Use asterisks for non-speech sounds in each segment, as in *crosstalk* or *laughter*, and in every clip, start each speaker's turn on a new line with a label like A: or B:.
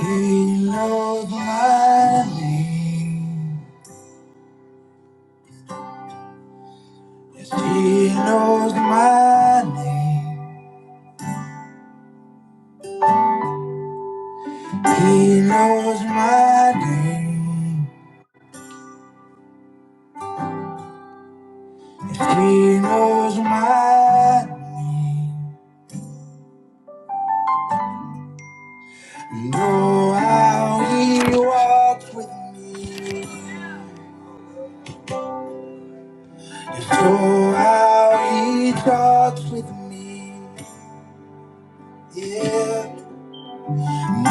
A: He knows my name. Yes, he knows my name. He knows my name. Yes, he knows my name. Know how he walks with me. Yes, know how he talks with me. Yeah.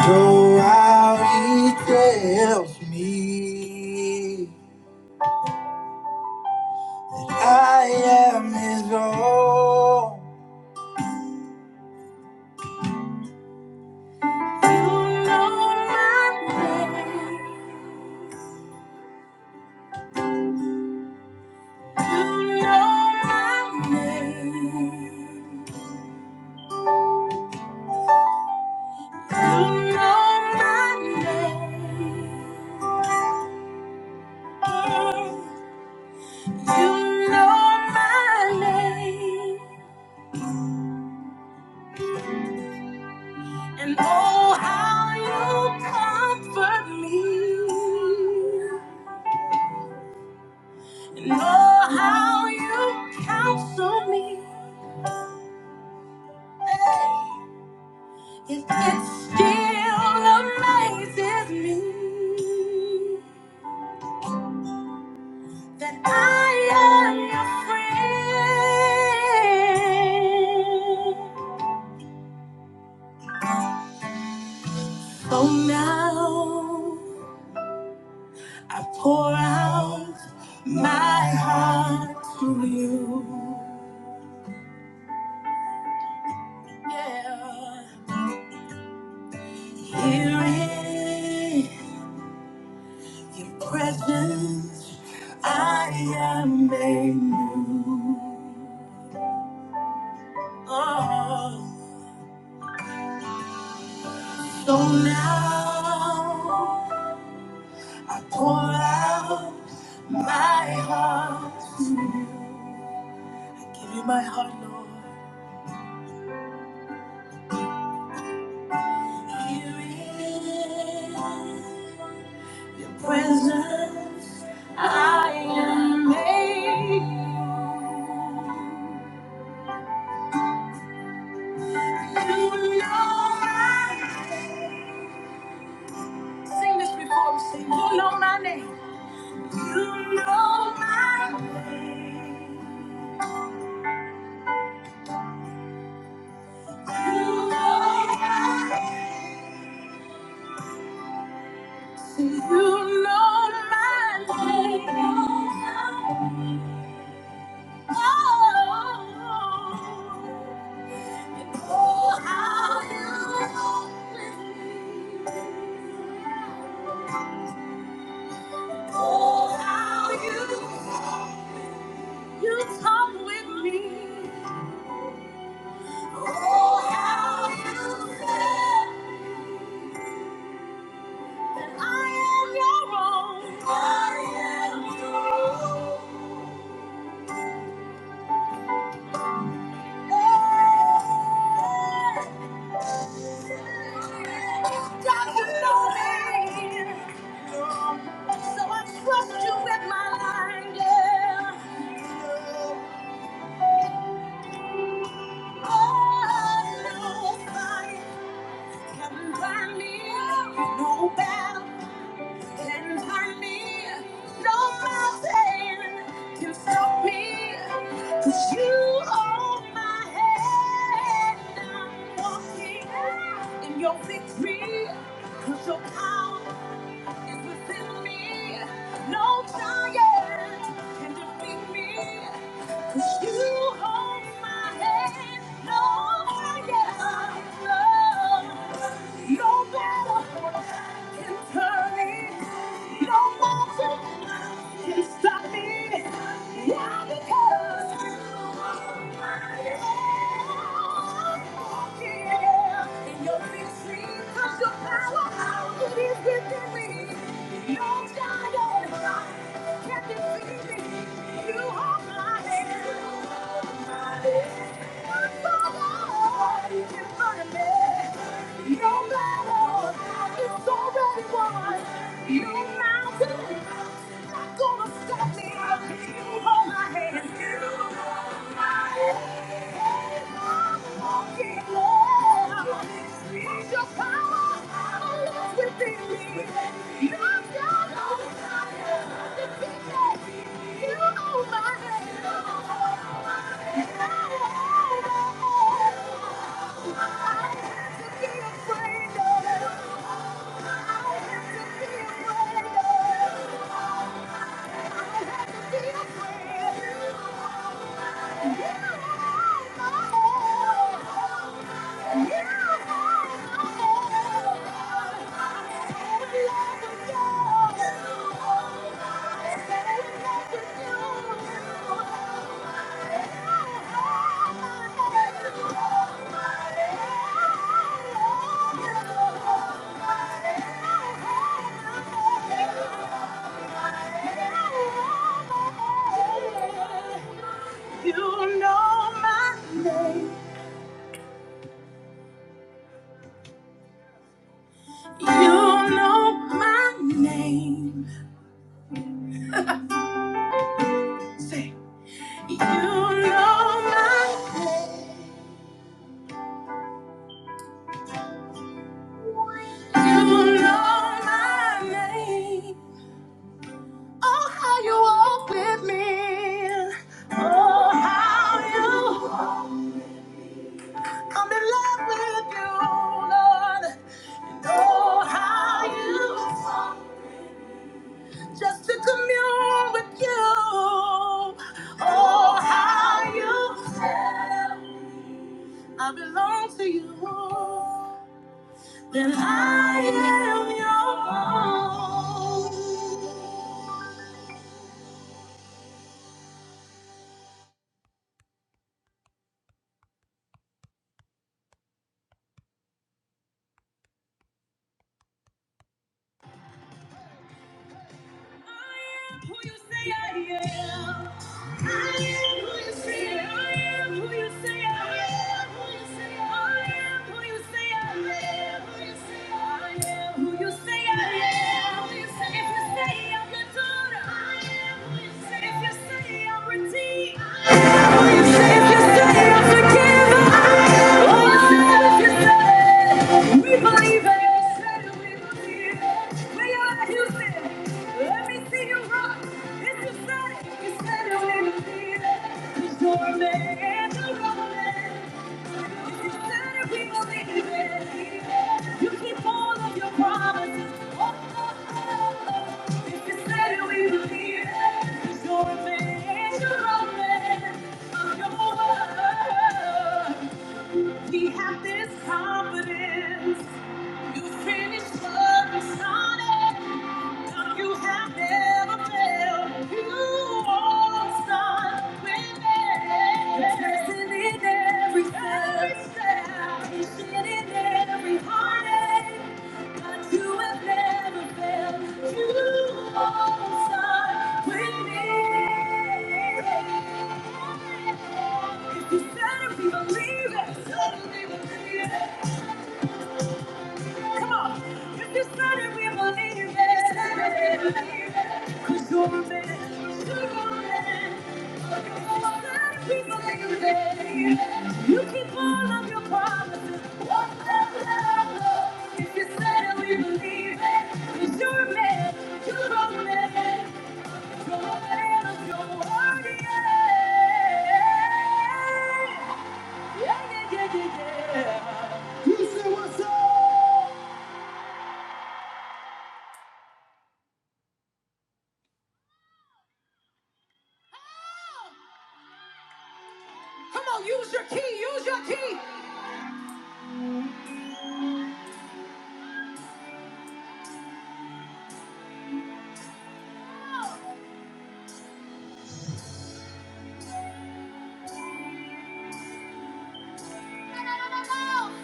A: Know how he tells me. I am his own. I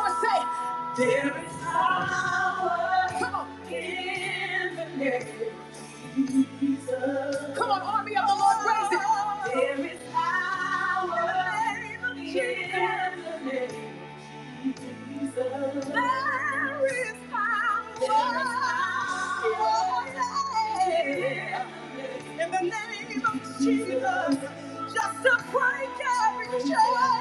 A: would say, come on, army of the Lord is found in the name of just to break every chain.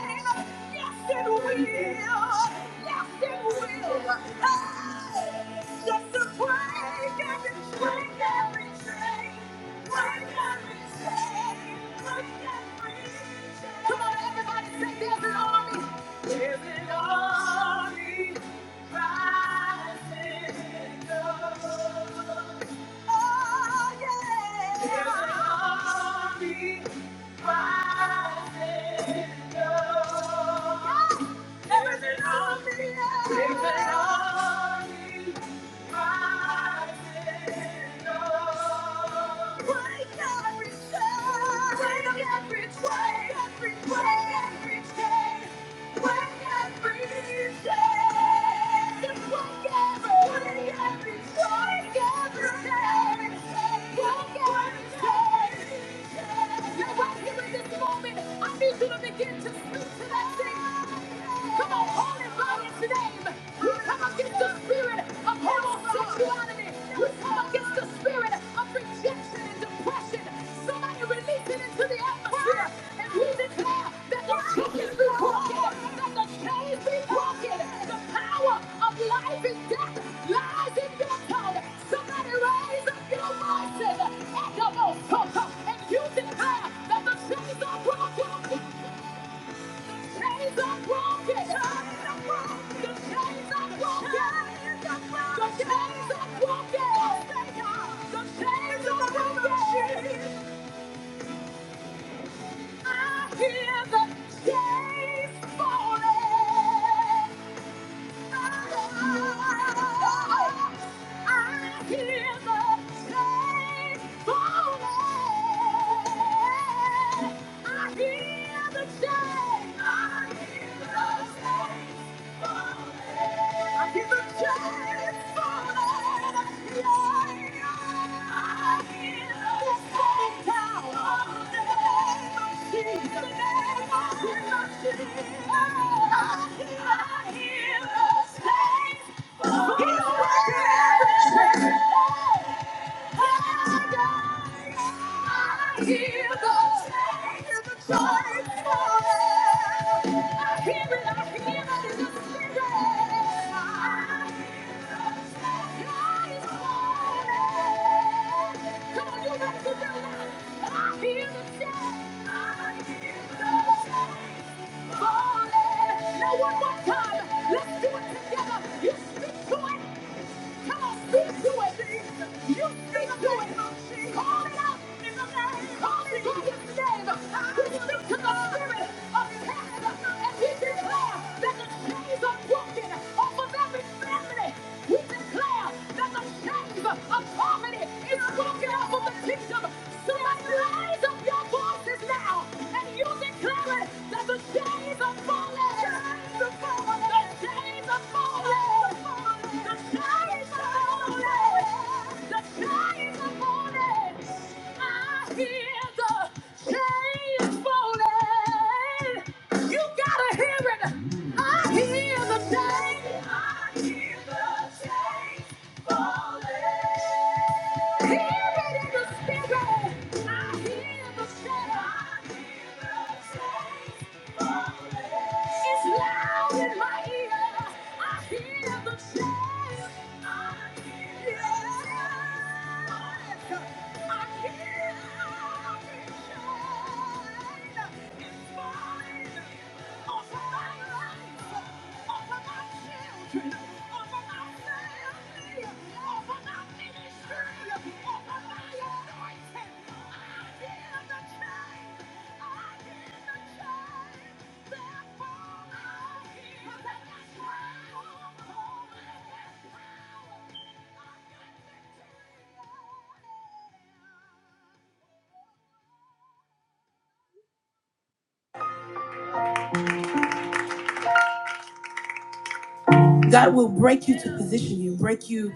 A: God will break you to position you, break you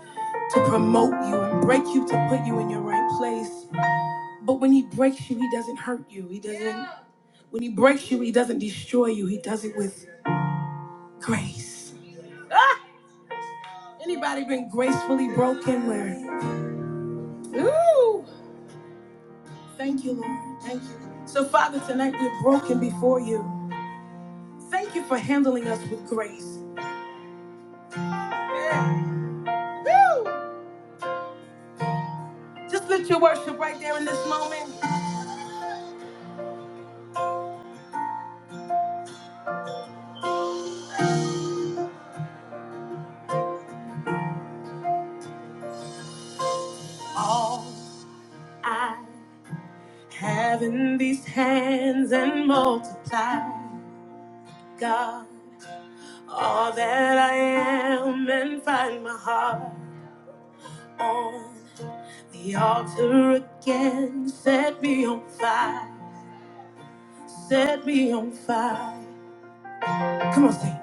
A: to promote you, and break you to put you in your right place. But when he breaks you, he doesn't hurt you. He doesn't, when he breaks you, he doesn't destroy you. He does it with grace. Ah! Anybody been gracefully broken where? Ooh, thank you, Lord. Thank you. So, Father, tonight we're broken before you. Thank you for handling us with grace. Yeah. Woo! Just lift your worship right there in this moment. All having these hands and multiply, God, all that I am and find my heart on the altar again. Set me on fire. Set me on fire. Come on, sing.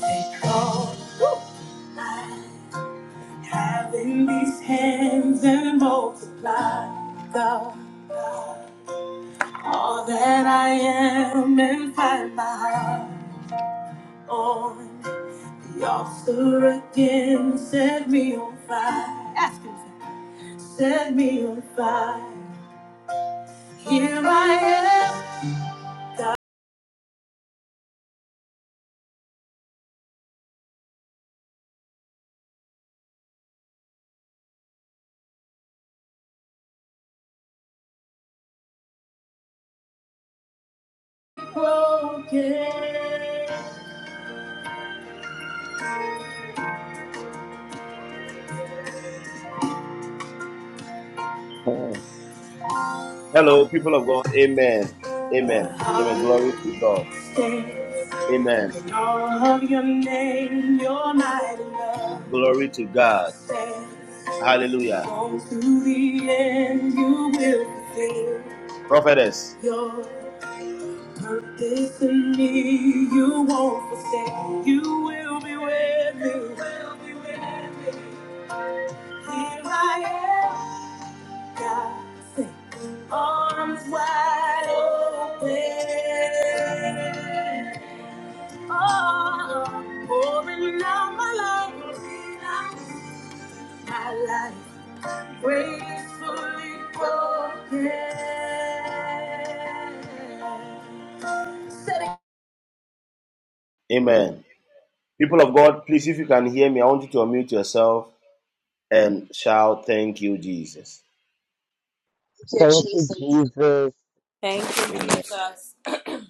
A: Take all I have in these hands and multiply, God, all that I am and find my heart on the altar again. Set me on fire. Ask him. Set me on fire. Here I am, God, broken heart stands in all of your name, your mighty love. Stand strong to the end, you will fulfill your purpose in me. You won't forsake, you will be with me. You will be with me. Here I am, God, say, arms wide open.
B: you,
C: Thank you,
B: Jesus.
C: Jesus.
D: Thank you, Jesus. *clears throat*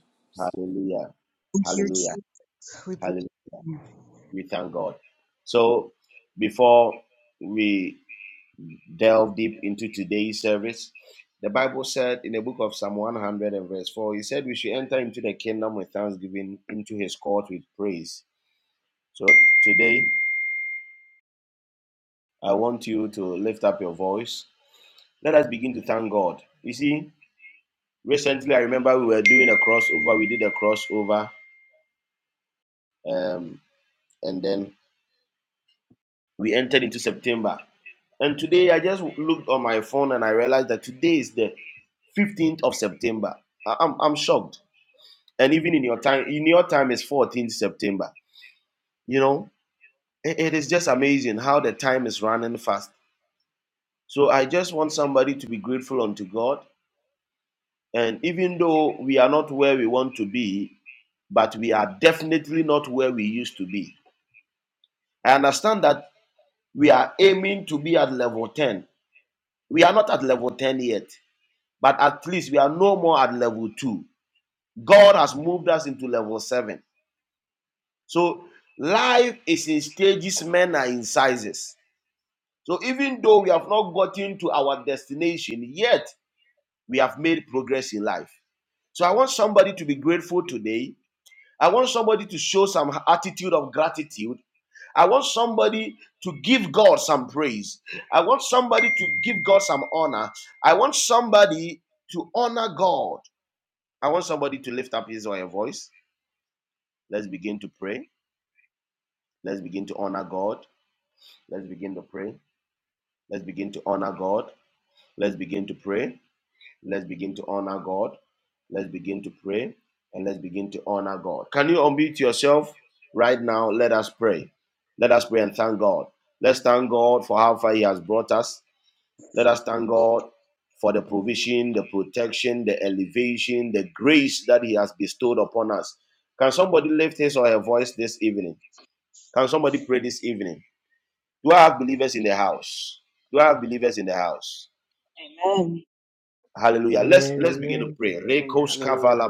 E: Amen, amen. Hallelujah. hallelujah.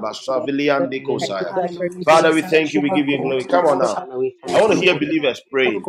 E: You may make us equal to the master. I am in it equal. Father, we thank you, mighty God.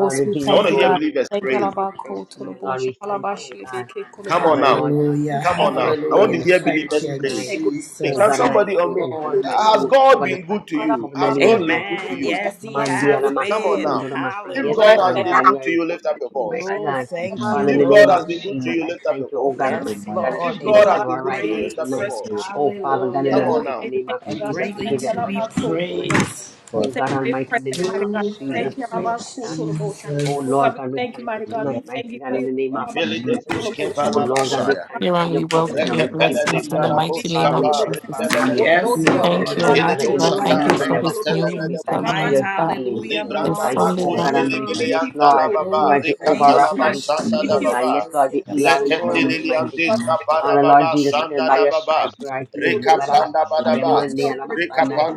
E: Lord, we give you glory, we give you honor, we give you praise tonight. Lord, we thank you, oh God. Father, Lord God
F: Hallelujah.
E: Almighty, we are here on
F: Hallelujah.
E: this
F: Thank
E: platform
F: you,
E: tonight. Oh
F: Jesus.
E: God, and
F: Yes,
E: I pray, oh God
F: Lord.
E: Almighty, that you cover the platform, cover the leaders, mighty
F: Amen.
E: God.
F: Yes, He
E: Mandi
F: has
E: alamasi
F: been.
E: kundo alamasi. Yes, God,
F: Hallelujah.
E: God, you are important to me, mighty
F: Oh,
E: God.
F: thank
G: Uh,
F: you,
E: Father, in the name of
F: Lord.
G: uh,
E: Jesus, I thank you, oh God
G: oh
E: Almighty,
F: Yes,
E: that you
G: my
E: are the
F: Lord.
E: shade
F: You
E: upon
G: God,
F: are
E: our
G: that
E: right hand
F: great.
G: the
E: tonight.
G: prayer
E: Oh, Father God, in the
F: Hallelujah.
E: mighty
G: of
E: name of
G: the
F: And
G: good
E: Jesus, we
F: greatly
E: give
G: and
E: you
F: to be
E: honor, we give you praise.
F: praised.
E: Oh,
G: Father,
E: God Almighty, in the name of
F: Oh,
G: we
E: Jesus
F: thank you,
E: Christ
G: call
E: of Nazareth. Oh,
F: Jesus.
E: Lord God, we thank you
G: the
E: tonight,
G: love
E: mighty God, in the name of
G: of mercy,
E: Jesus. Oh,
G: and
E: Lord God, we thank
H: Here
E: you for
H: and
E: your
H: we welcome
E: provision.
H: your
E: We thank you, oh,
H: blessings in
E: God
H: the
G: Father,
E: Almighty.
H: mighty name
E: Father,
H: of
E: we thank you for our
H: Jesus.
E: family.
F: Yes,
H: We
E: We thank
H: thank
E: you,
F: Lord.
H: you,
E: oh, God, that
H: Almighty
E: you
H: God.
E: never
H: Thank you
E: leave and
F: Hallelujah.
H: for
E: never
H: this new
E: forsake. We
H: week,
E: thank you
F: My
E: for your
H: Almighty God.
E: healing.
F: hallelujah
E: We
H: This
G: Lord,
E: thank
G: Lord,
F: belongs
E: you,
H: Sunday,
F: to
E: oh,
H: God.
E: God
F: you.
E: Almighty. Yes, Lord, you
F: Oh,
E: are Jehovah
F: thank
E: Rapha.
F: you,
E: We thank you, oh, God. Yes,
F: Jesus.
E: Lord, you heal our
F: Yes, Lord.
E: infirmity, mighty God. Father, Lord Jesus, it is by your stripes we are healed. Ibaralakasaya mandi alabasandai.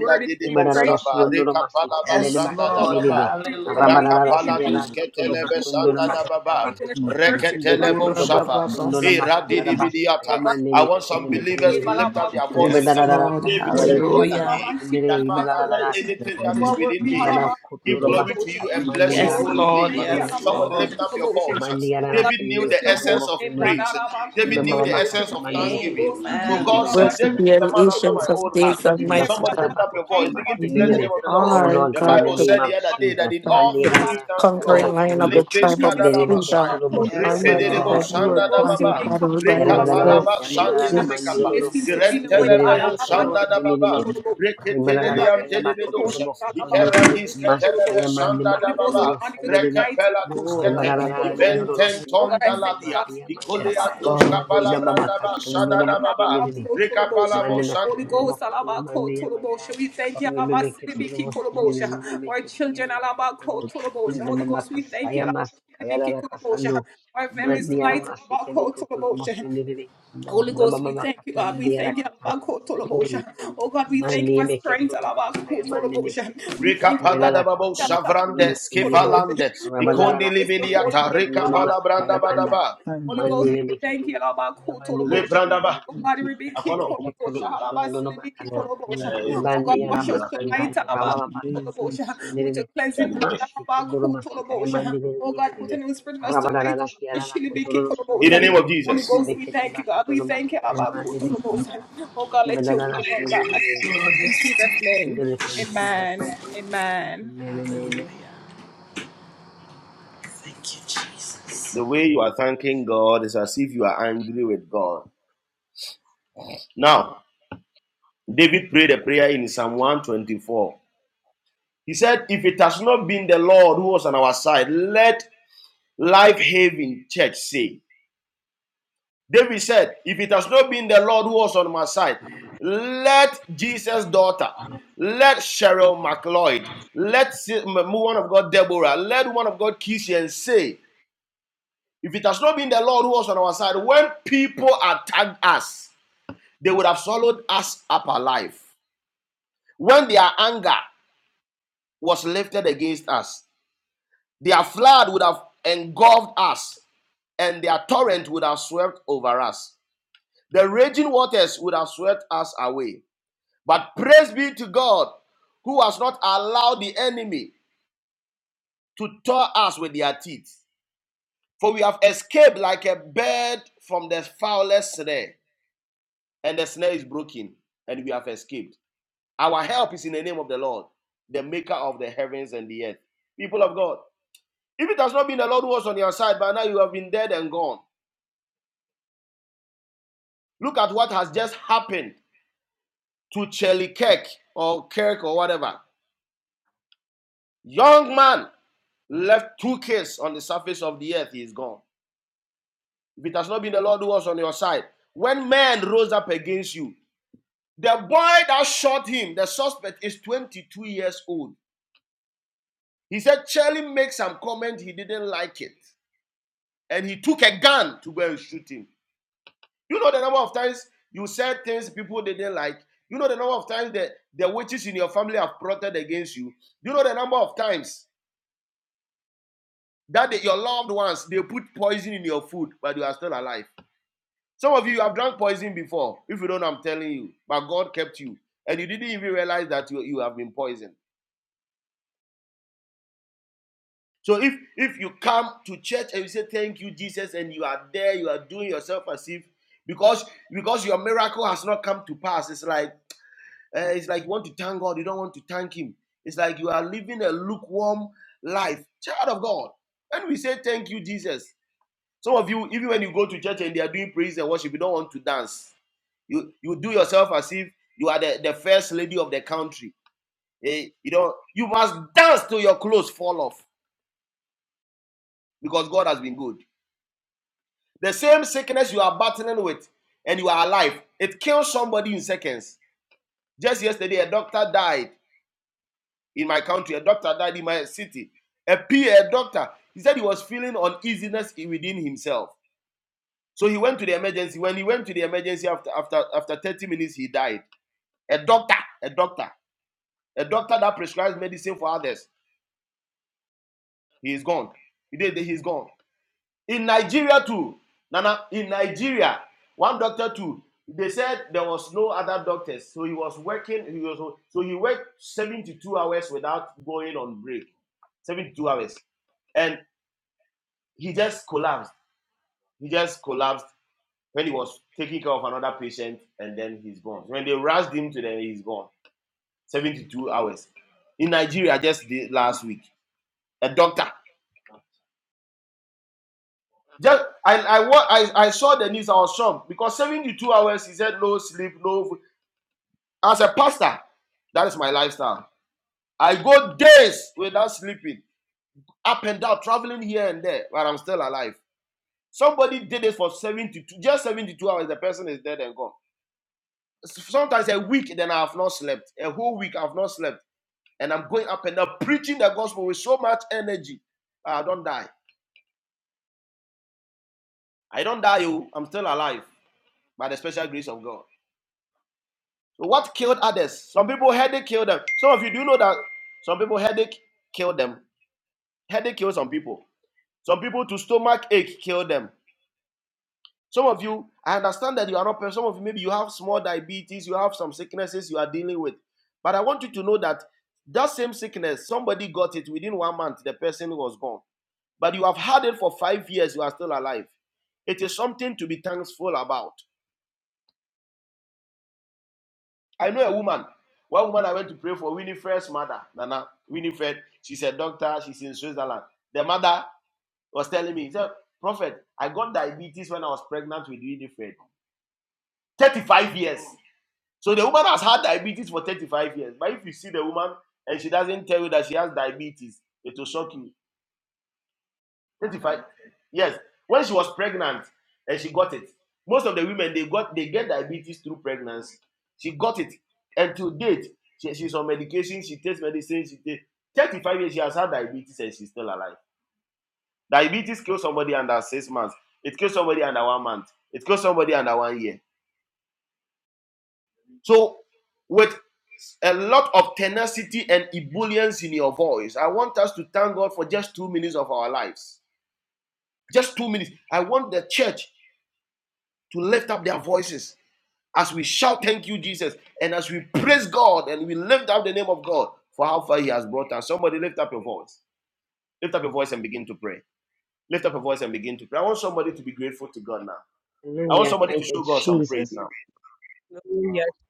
E: Ibaralalosiondo masikande
F: Yes, Lord.
E: lebakinilili.
F: Hallelujah.
E: Arabalalasaya lakotoro kosondo lamakata bakoto.
G: I
F: Ura
E: Ibeketuro
F: ba ba ba.
E: bokosondo lamakata labasaya mandi lekitili
G: want
E: lekindilili.
G: to pray
F: Yes, Lord.
E: Ibaralalalakasaya lekotoro
F: Hallelujah.
E: kosindilili.
G: that I
E: Ibaralalalakandilili.
G: might be
E: Ibarakotoro
G: right
E: basikaya mandi
F: Yes, Lord.
E: alamasikande
F: Yes,
E: lamasandai.
F: Lord.
E: Mandi anana sayere beke toro boko nenono. Ima
G: now,
E: mama makasa mandi beke toro boko
F: Amen.
E: sono.
H: Worship you, the ancients of days,
E: Ima
H: Almighty
E: kasa
H: God.
E: bako toro maki
H: You
E: nenene. Oh
H: are,
E: Lord God,
H: God,
E: in the
H: the,
E: name of Jesus. Nandi
H: the
E: anana katarana
H: conquering lion of the
E: kayundo.
H: tribe of
E: Ibere beke
H: freedom.
E: toro bose
F: Yes,
H: Almighty
E: kayanana
H: God,
F: Lord.
H: you are
E: kayana
H: God and
E: katara.
H: God all by
E: Yanana
F: Oh,
H: yourself.
F: thank
E: sanana
H: We-
F: you,
E: mandi ororo.
F: Jesus. Thank
E: Ibere
F: you,
E: beke toro no
F: Lord.
E: sinene. Rimanana kayama kotoro boko sono. Mas kayamandi makotoro no sanene.
F: Ura ba ba ba.
E: Rimbarararandiyodorosiya makotomakiya
F: Yes,
E: mankandai.
F: Lord.
E: Ribababakasundono makendedede. Mandanakatana
G: Lord.
E: makotoya mandeya mandai. Ribebebeketurohosimene ribebeketiyendorokosodo.
G: I thank you
E: Ribababakasaya
G: for
E: maskayararakasando.
G: that,
E: Mandiyaramasekebekotoromosendedede.
G: Lord.
E: Ribabababakatamandiyara kata.
G: I glory
E: Mane meketoro masikaya mane meketo. Ibela la kase mokotoro lo
G: in you.
E: sinirine. Rabana la la katara mase kuno lo
G: and
E: masikaya mandai.
G: Thank you,
E: Mane meketoro mokoto ya mane meketo nirine.
G: thank you,
E: Meketoro kusuno lo
G: you are
E: makata.
G: great,
E: Ribande ya la masandai.
G: you are
E: Rababa makatoro
G: amazing,
E: sinirine. Masi kuno lo masikaya mane nirine. Rabana la la siya la
G: thank
E: la kotoro lo sundo lo. Ibekete makotoro masikaya
G: you,
E: mane
G: Lord.
E: meketo. Even then, I see you in the
F: Yes,
E: name of
F: Lord. Yes,
E: Jesus.
F: Lord.
E: We believe in Jesus' mighty name. We pray. Amen and amen.
F: Hallelujah. Thank you, Jesus.
E: Hallelujah. Thank you, Jesus.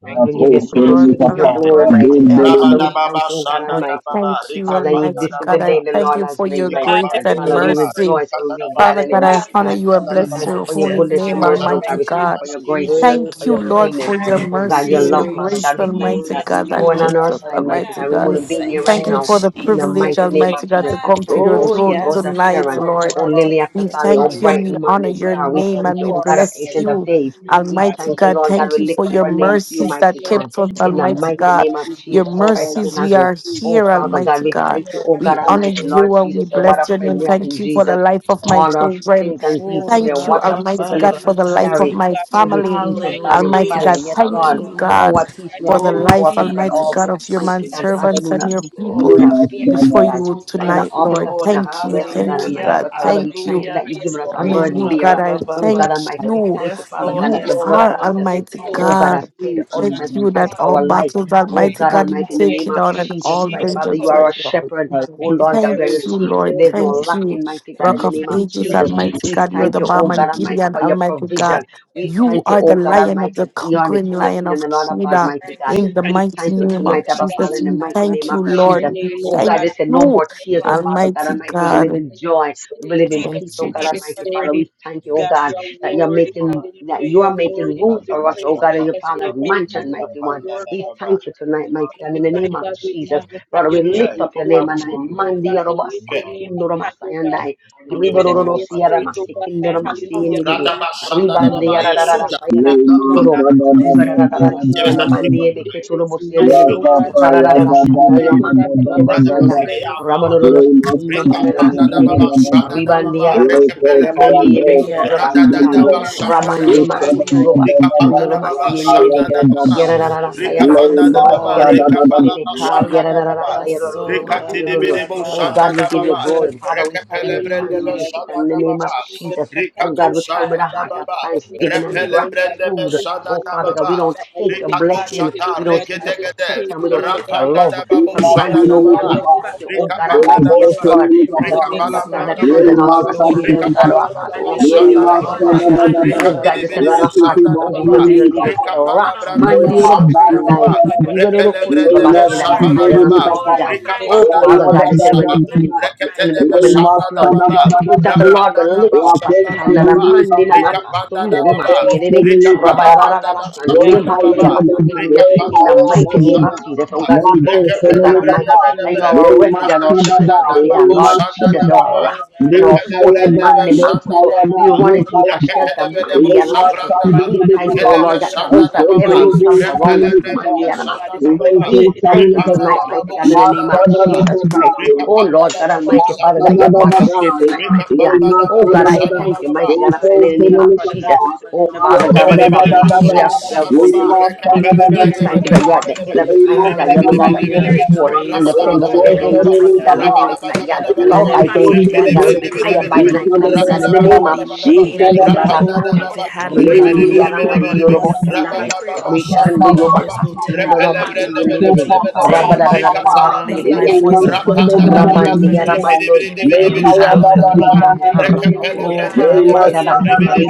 E: Lord, we give you thanks.
H: Lord,
E: We give you
H: Father,
I: Akoselekapa,
E: glory,
H: Lord, I
E: mighty God.
H: thank
E: Father,
I: Rabindele,
H: you.
E: we thank you, O God
H: I
E: Almighty.
H: thank you,
E: Father, you-
H: Almighty
E: this is the
H: God. I
E: day the
H: thank
E: Lord
H: you
E: has
H: for your
E: made, mighty
H: grace
E: God.
H: and
E: Father, we
D: Hallelujah.
H: mercy.
E: rejoice and we be glad
H: Father
E: in it,
H: God, I
D: God.
E: mighty
F: you,
H: honor
E: God.
H: you and
E: We
H: bless
E: thank you
H: your
E: for
F: Jesus.
E: your
H: holy
F: Yes,
E: goodness, your
H: name,
E: mercy,
F: Lord.
E: oh
H: Almighty
E: God. We thank you
D: Hallelujah.
H: God.
E: for your grace. We thank you
H: Thank
E: for
H: you,
E: your
G: Amen.
D: Thank
H: Lord,
D: you,
E: kindness.
H: for your
E: Oh
D: Holy
E: God, your
H: mercies, your
E: love,
G: Hallelujah.
D: Spirit.
E: Father
H: grace,
E: God, we thank you
H: Almighty
D: I
G: Glory
E: that if
G: be
F: Yes,
D: think,
H: God,
E: you
G: to
H: that
D: uh,
E: weren't
F: Lord.
E: on
H: kept
E: our
H: us,
G: God.
E: side, mighty
D: yeah,
H: Almighty
E: God, we
H: God.
D: thank
F: Oh,
G: Yes,
E: wouldn't be here
D: you,
F: thank
E: right
D: Holy
H: Thank
F: you,
H: you
G: Lord,
E: now.
H: for the
D: Spirit.
E: In the
F: Jesus.
H: privilege,
G: we
E: mighty
D: Good
G: thank
E: name
H: Almighty
E: of
H: God,
E: Jesus,
H: to
E: we
D: Jesus.
G: you.
H: come to
E: thank you,
G: I
H: your
E: oh
F: Oh,
E: sweet
H: throne
E: Rose
F: yes,
G: thank
E: of
G: you,
H: tonight,
E: Sharon,
F: Lord.
G: Abba
H: Lord.
D: I
E: oh
F: What
G: Father.
F: a
E: Lily of the
H: We
E: Valley,
G: I
E: oh
H: thank
G: thank
H: you
F: privilege.
H: and
E: bright
H: we
E: and
H: honor
E: morning
G: you,
H: your
E: star. We
G: Abba
H: name
E: thank
H: and
E: you,
H: we
E: oh God of
G: Father.
H: bless
G: I
E: Ancient of
H: you,
G: thank
E: Days.
G: you.
E: We
G: I
H: Almighty
E: thank
G: am
E: you,
H: God.
G: here
E: Lord God.
H: Thank
E: We
H: you
G: to
H: for
E: lift up
H: your
D: pray
E: our
G: glorify
E: name to you,
H: mercies
E: mighty
H: that
G: your name.
E: God,
H: kept us,
E: in the
G: I am
H: Almighty
G: here
E: mighty
H: God.
G: to
E: name of
G: give you
H: Your
E: Jesus Christ
G: all
E: of
D: that
H: mercies,
G: the
H: we
E: Nazareth.
D: God
H: are
G: praise
E: Oh,
H: here,
G: and
D: will
E: Father
G: the
E: God,
H: Almighty
E: we
H: God.
E: thank you,
G: honor
E: oh
D: watch
H: We
E: God
G: and
D: over
H: honor
E: Almighty,
G: the
E: Lord
H: you
D: us
H: and
D: and
H: we
E: Jesus, and what a
H: bless
G: respect
H: your
E: friend
H: name.
E: we
G: and
E: have in
H: Thank you for the
E: Jesus.
H: life of my
E: All our
H: children.
E: sins and grief
F: Oh,
E: to bear.
H: Thank you,
E: What
D: protect us. Hear
E: a
H: Almighty
E: privilege
H: God,
E: to
H: for the life of
F: rababaratata.
E: carry
H: my family.
E: everything to God in
H: Almighty
F: Hallelujah.
E: prayer.
H: God,
E: Yes,
H: thank
E: Lord.
H: you,
D: me, hear me,
F: Hallelujah.
E: Oh,
H: God,
E: what
G: protect
E: peace we
G: me
H: for the
E: often
F: Oh,
H: life,
E: forfeit,
G: and
D: God.
E: but
G: my
H: Almighty
F: thank
E: all
H: God,
F: you,
D: Hide
H: of your
G: family,
D: me,
E: mighty
D: let
E: God,
D: me
E: God, we
G: Father.
F: Jesus.
H: manservants
E: know
G: I
D: know
H: and
F: Yes,
E: not,
D: the
H: your
E: we
F: Lord.
E: know
H: people
G: thank
E: not
D: separation
I: Lema
G: you
E: fear,
G: for all the
D: from
E: mighty
H: before
I: Sada,
E: God.
G: good
H: you
F: Oh,
G: that
F: thank
E: Father,
H: tonight,
E: all
F: you,
H: Lord.
E: because we
F: Lord.
G: you
E: did
G: have
E: not
D: you,
H: Thank
E: come
H: you,
E: to
G: done
E: you,
G: for
D: Lord.
G: me.
E: God
H: thank you,
E: Almighty.
F: Hallelujah.
H: God.
E: But
G: I
E: Father, we
H: Thank you
E: thank you
F: Hallelujah.
E: that
D: From
E: you've
G: see,
E: given
D: the
E: us a
H: honor
G: Lord.
F: Oh,
D: evil
G: I
E: burden
H: you,
D: one,
H: God.
E: bearer
H: I
G: see,
D: mighty
E: Oh
F: rabababa.
E: God
H: thank
D: God, you
G: I
E: Almighty,
G: thank
E: we
D: protect
H: you.
D: us,
E: thank you,
F: Yes,
E: Father
G: you,
F: Lord.
E: God,
H: You
E: that
D: mighty
E: the
F: Yes,
G: Lord.
E: blood of
D: God,
H: are
D: and
F: Lord.
D: all
E: Jesus, and
D: the
H: Almighty
D: power
E: oh God,
D: of our
E: has
H: God.
E: paid the
G: you in the
H: Thank
D: mighty
E: ultimate
G: name
H: you
E: price
H: that
E: for
D: God.
H: all
E: our life.
H: battles,
E: Oh
H: Almighty
E: God
H: God, you
E: Almighty, in
G: of
E: the
H: take
E: name
H: it
E: of
H: on and
E: Jesus
H: all
E: Christ,
G: Jesus
E: Father, you
H: vengeance
E: are
H: are
E: our
H: yours.
E: shepherd.
G: Christ.
E: Oh Lord God,
H: Thank
E: we are
G: Pray.
E: your
H: you,
E: sheep. We say
H: Lord.
E: there's no
H: Thank you,
E: lacking, mighty God,
G: Thank
E: in
H: Rock
E: the
H: of
E: name of
G: you.
H: Ages,
E: Jesus.
H: Almighty
E: We
H: God. You're
E: thank
H: the
E: you, oh
H: bomb
E: God
H: and
E: Almighty,
H: Gideon,
E: for your
H: Almighty God.
E: provision. We
H: You
E: thank you,
H: are the
E: oh God
H: lion of the
E: Almighty. You are the
H: conquering
E: King of
H: lion
E: Kings
H: of
E: and the Lord of Lords,
H: Judah.
E: mighty God.
H: In the
E: We
H: mighty
E: thank you
H: name of
E: tonight, Abba Father,
H: Jesus,
E: in the
H: we
E: mighty name
H: thank you,
E: of
H: Lord.
E: Jesus.
H: We
E: Oh God,
H: thank
E: they said no
H: you,
E: more tears, oh Father God
H: Almighty
E: Almighty. We believe
H: God.
E: in joy. We will live in peace,
H: Thank
E: oh
H: you,
E: God
H: Jesus.
E: Almighty Father. We thank you, oh God, that you're making that you are making room for us, oh God, in your Father's mansion, mighty one. We thank you tonight, mighty God, in the name of Jesus. Lord, we lift up your name and I mandi yorobasa kundoromasa and I ribororo siara masi kindoromasi iniriri ribande yara rara sayara
I: Lema
E: kuturoro
I: Sada, da, da, da,
E: ribarara
I: da, da,
E: siana
I: da, da,
E: mandi
I: da.
E: ebe keturobosi iniriri
I: Rapapa,
E: rara
I: ya,
E: rara
I: da, da,
E: sanaya
I: da, da, da,
E: makuturo
I: da, da, da, da.
E: basandai rabaroro
I: Lema
E: sikundo
I: Sada, da,
E: manana
I: da, da, da, da, da, da.
E: Ribandiara
I: Leko,
E: Masikaya Bondi
I: Parade,
F: prayer
E: Ebeketura
I: Kapan,
F: and
I: Dele,
E: Masandai,
F: power.
E: Rabandi
I: da,
F: Hallelujah.
E: Makuturo
I: da, da, da, da.
E: Basikandoro
F: Oh, thank
E: Masiende,
I: da,
F: you,
D: I myself.
E: Yerara Saya
F: Jesus. Yes,
E: Makuturo
F: Lord.
E: Basiere,
I: da, da, da.
E: Yerara Saya
D: Thank
E: Roro
D: you,
F: Halabasora,
D: Holy
E: Masiolo. Oh God,
D: Spirit,
E: we give you
D: Father.
E: glory. Father, we send you thanks, mighty God, in the name of
D: That's for
E: Jesus.
D: heaven.
E: Oh God, we come with a
D: Father,
E: heart of
D: we
E: thanksgiving and
D: truly mighty
E: gratitude.
D: God,
E: Oh Father
D: mighty
E: God, we
D: God,
E: don't
D: that you are
E: take your
D: God,
E: blessing, we
D: mighty
E: don't take
D: God.
E: your protection, we
D: You
E: don't take your love
D: testify,
I: Thank
E: for
D: mighty God,
E: granted. Oh God,
D: to
E: we
D: the
E: thank
D: fact,
J: I
E: you. Oh
J: don't
D: mighty
E: God
J: know.
E: Almighty,
D: God,
E: yes, Lord
D: Lord,
E: that
D: that
E: the
F: Lord,
D: you're
E: peace
D: always
F: yes,
E: of God
F: Lord.
E: that
D: here
E: transcends all our
J: I
D: for us, even
E: understanding
D: now.
E: will
F: Hallelujah.
E: guard our
D: Oh
E: hearts
D: God,
E: and our
D: we
F: Oh,
D: give
E: mind in
D: you all
E: Christ
D: the
E: Jesus.
D: honor,
E: Oh God, this on
D: Jesus.
E: our heart is
D: We
E: overwhelming
D: thank
E: You lead
D: you
E: us to the
D: even
E: rock.
D: now,
E: Mandi
D: Holy Spirit. Oh
E: Urobosandai.
D: God, we thank you,
E: Riverokotobase that is
D: Lord.
E: hiding
D: We
E: us, mighty God.
D: glorify your
E: Oh
D: name,
E: Father
D: oh
E: God, you
D: God.
E: said when the
D: We
E: enemy co- the
D: magnify you.
E: enemy coming like a flood, the spirit of the Lord will lift up a standard and mandi na nakasundurumasiere
I: you.
E: rabararararasanduyo
I: Thank
E: makiabakatundu in the mighty name of Jesus. Oh God, we thank you, oh God Almighty that you are our refuge and our strength, mighty God. Lord Jesus, you are our rock
D: help, my
E: and our
D: God, and the
E: fortress, Mandi
D: strength, my
E: Makoto.
D: God.
E: We
D: Thank you
E: run
D: for
E: into you
D: your
E: for
D: grace,
E: shelter,
D: O
E: Mandi
D: God,
E: and
D: and
E: Amasin.
D: place
E: We
D: upon
E: thank
D: the
E: you, O Lord,
D: people
E: that the
D: now,
E: host
D: oh,
E: of heaven encamp
D: their
E: around
D: fire
E: us,
D: and your
E: Mandi and
D: power in
E: Amasin.
D: the name of
E: We thank you
D: Jesus.
E: tonight,
D: Thank
E: mighty
D: you,
E: God, in the name
K: How
E: of
K: you?
E: Jesus
D: Jesus.
E: Christ.
I: you.
E: Oh Lord God
D: Thank you,
E: Almighty
D: our
E: Father,
I: Thank
E: that you have
D: Father,
E: brought us
D: Lord
E: here
D: God.
E: tonight, mighty God.
D: We
E: Oh God,
D: Thank
E: I
D: you,
E: thank you,
D: O
E: mighty God,
D: God.
E: in
D: We thank
E: the name of
D: you,
E: Jesus.
D: even
E: Oh
D: now,
E: Father God,
F: Oh,
D: mighty
E: whatever
D: God.
F: thank
E: battle we
F: you,
E: are, we are going
F: Jesus.
D: Fill
E: through,
D: us,
E: mighty God.
D: Holy
E: We
D: Spirit.
E: thank you that you're
D: Fill
E: at
D: us
E: the
D: with
E: end of
D: your
E: it, mighty God.
D: presence
E: You're the
D: and
E: God
D: your
E: that go
F: Hallelujah.
D: spirit,
E: before
F: Praise
E: and
D: mighty
F: the
D: God.
E: defend us
F: Lord, O
E: behind us,
F: my
E: mighty
D: Oh
E: God.
D: God,
E: We
D: we
F: soul.
E: thank you that
D: thank
E: you
D: you
E: are the
D: for
F: And
D: your
F: let
E: cloud by day
D: fire.
F: everything
D: We
F: that
E: and
F: is
E: the
D: thank you for
E: fire
D: the
F: within
E: by
F: me
E: night, mighty
F: bless
E: God.
F: his
D: protection,
E: In the name
D: mighty
F: holy
E: of
D: God. We
E: Jesus,
D: thank
F: name.
D: you for
F: Oh,
D: covering
E: Ibarasaka,
F: if
D: us
F: it hadn't
D: even
F: been for
D: now,
F: you,
D: oh
E: Ribandiana
F: Lord, on
D: God.
F: my
I: you.
D: I
E: Mandiorobosanai,
F: side.
D: pray, oh
F: Yes,
D: God, that
E: Rikando
D: you
F: Lord, there's
E: Yobaka,
F: no
D: continue to
F: telling where I
D: have
F: would
E: Sindonomaki
D: your
E: and
F: be
D: will
E: Dede,
D: and your way
F: today.
D: with us
F: So
D: even
F: I
E: Rabadadadadadaki
F: lift
D: now,
E: and
F: my
D: oh
F: voice
E: Kitondo,
D: God.
F: up unto you in
D: Continue to fill us,
E: Ramandiana Mandoya.
D: mighty God.
F: thanksgiving.
D: Come upon
E: Ricoto,
D: us
E: Rita,
D: even
F: Hallelujah.
D: now,
E: Carrata,
D: our
E: Toto,
F: Oh,
E: Toto,
D: Father,
F: Rabba,
E: Iketerada,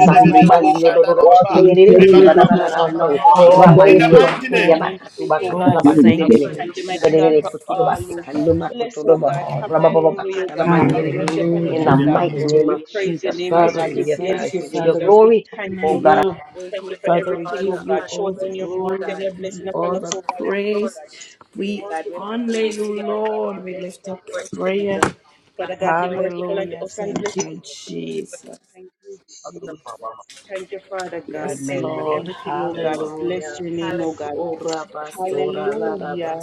D: oh God.
E: Mandi, Ororo,
D: God, by
E: Sindiri,
D: your stripes, oh God,
E: Ribanana,
D: we are healed,
E: Ramandiyo
D: oh God.
E: makiya
F: Ilarabahirarabakora.
E: makatu
D: We thank
E: bakatala
F: Oh,
D: you
F: thank
E: bakelele
D: even
F: you,
D: now, that is
E: ibelele kuturu
F: Jesus.
E: basi
D: Jesus.
E: kandu makuturu ba rababa bakatala
D: Hallelujah.
E: mandireke. In
D: Holy
F: Hallelujah.
E: the mighty
D: Spirit,
E: name
D: we
E: of
F: Hallelujah.
D: thank
E: Jesus
D: you.
F: Father,
E: Christ, we
F: we
E: give you
F: thank
E: thanks,
F: you.
E: we give you
F: Father, we
E: glory.
F: honor
E: Oh God,
F: you.
D: We give you
F: Father, we
D: all
F: give
D: the
F: you
D: honor,
F: all the
D: mighty
F: glory.
D: God.
F: We
D: We
F: give you
D: give you
F: all the
D: all the
F: praise.
D: glory, mighty
F: We
D: God. We
F: honor
D: place
F: you,
D: your mighty
F: Lord. We
D: God
F: lift up
D: for
F: prayer.
D: everything, God,
F: Hallelujah. Thank you,
D: even
F: Jesus.
D: the Lord.
F: Yes,
E: amen and
F: Lord.
E: amen.
F: Hallelujah. Oh,
D: Hallelujah. Thank you,
F: Rabasora,
D: Holy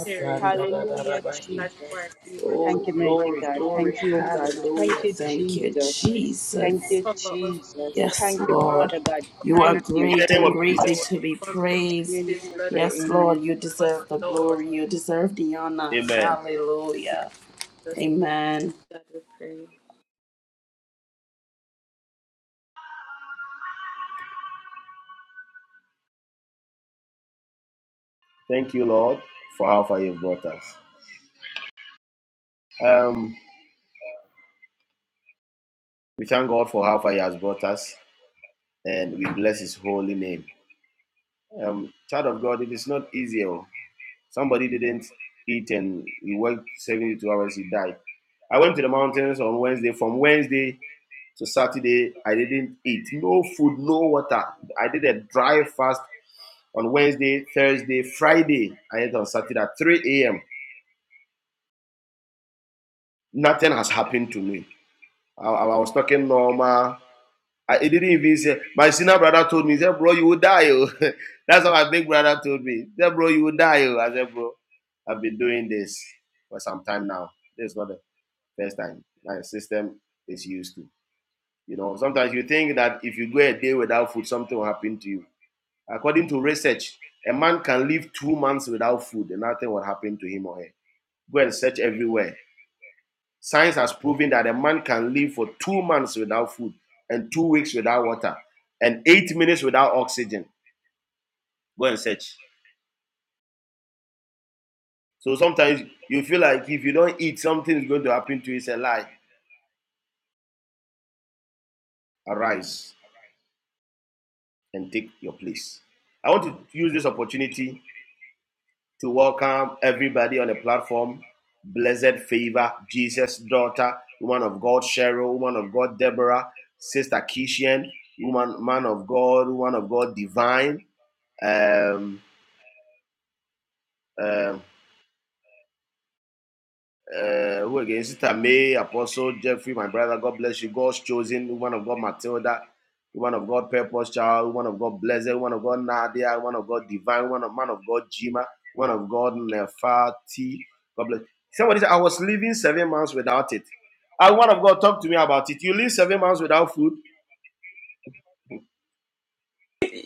D: Spirit. Cover this
F: Rarabahi.
D: platform, even now,
F: Oh,
D: Lord.
F: glory, glory, hallelujah. Thank you, Jesus.
D: Cover us, Lord God.
F: Yes, Lord.
D: Give
F: You
D: our
F: are great and greatly
D: mandate, Lord.
F: to be praised.
D: Comprehensive blood
F: Yes, Lord, you
D: cover us,
F: deserve the glory.
D: Lord.
F: You deserve the honor.
D: In
F: Hallelujah.
D: Jesus' name,
F: Amen.
D: God, we pray.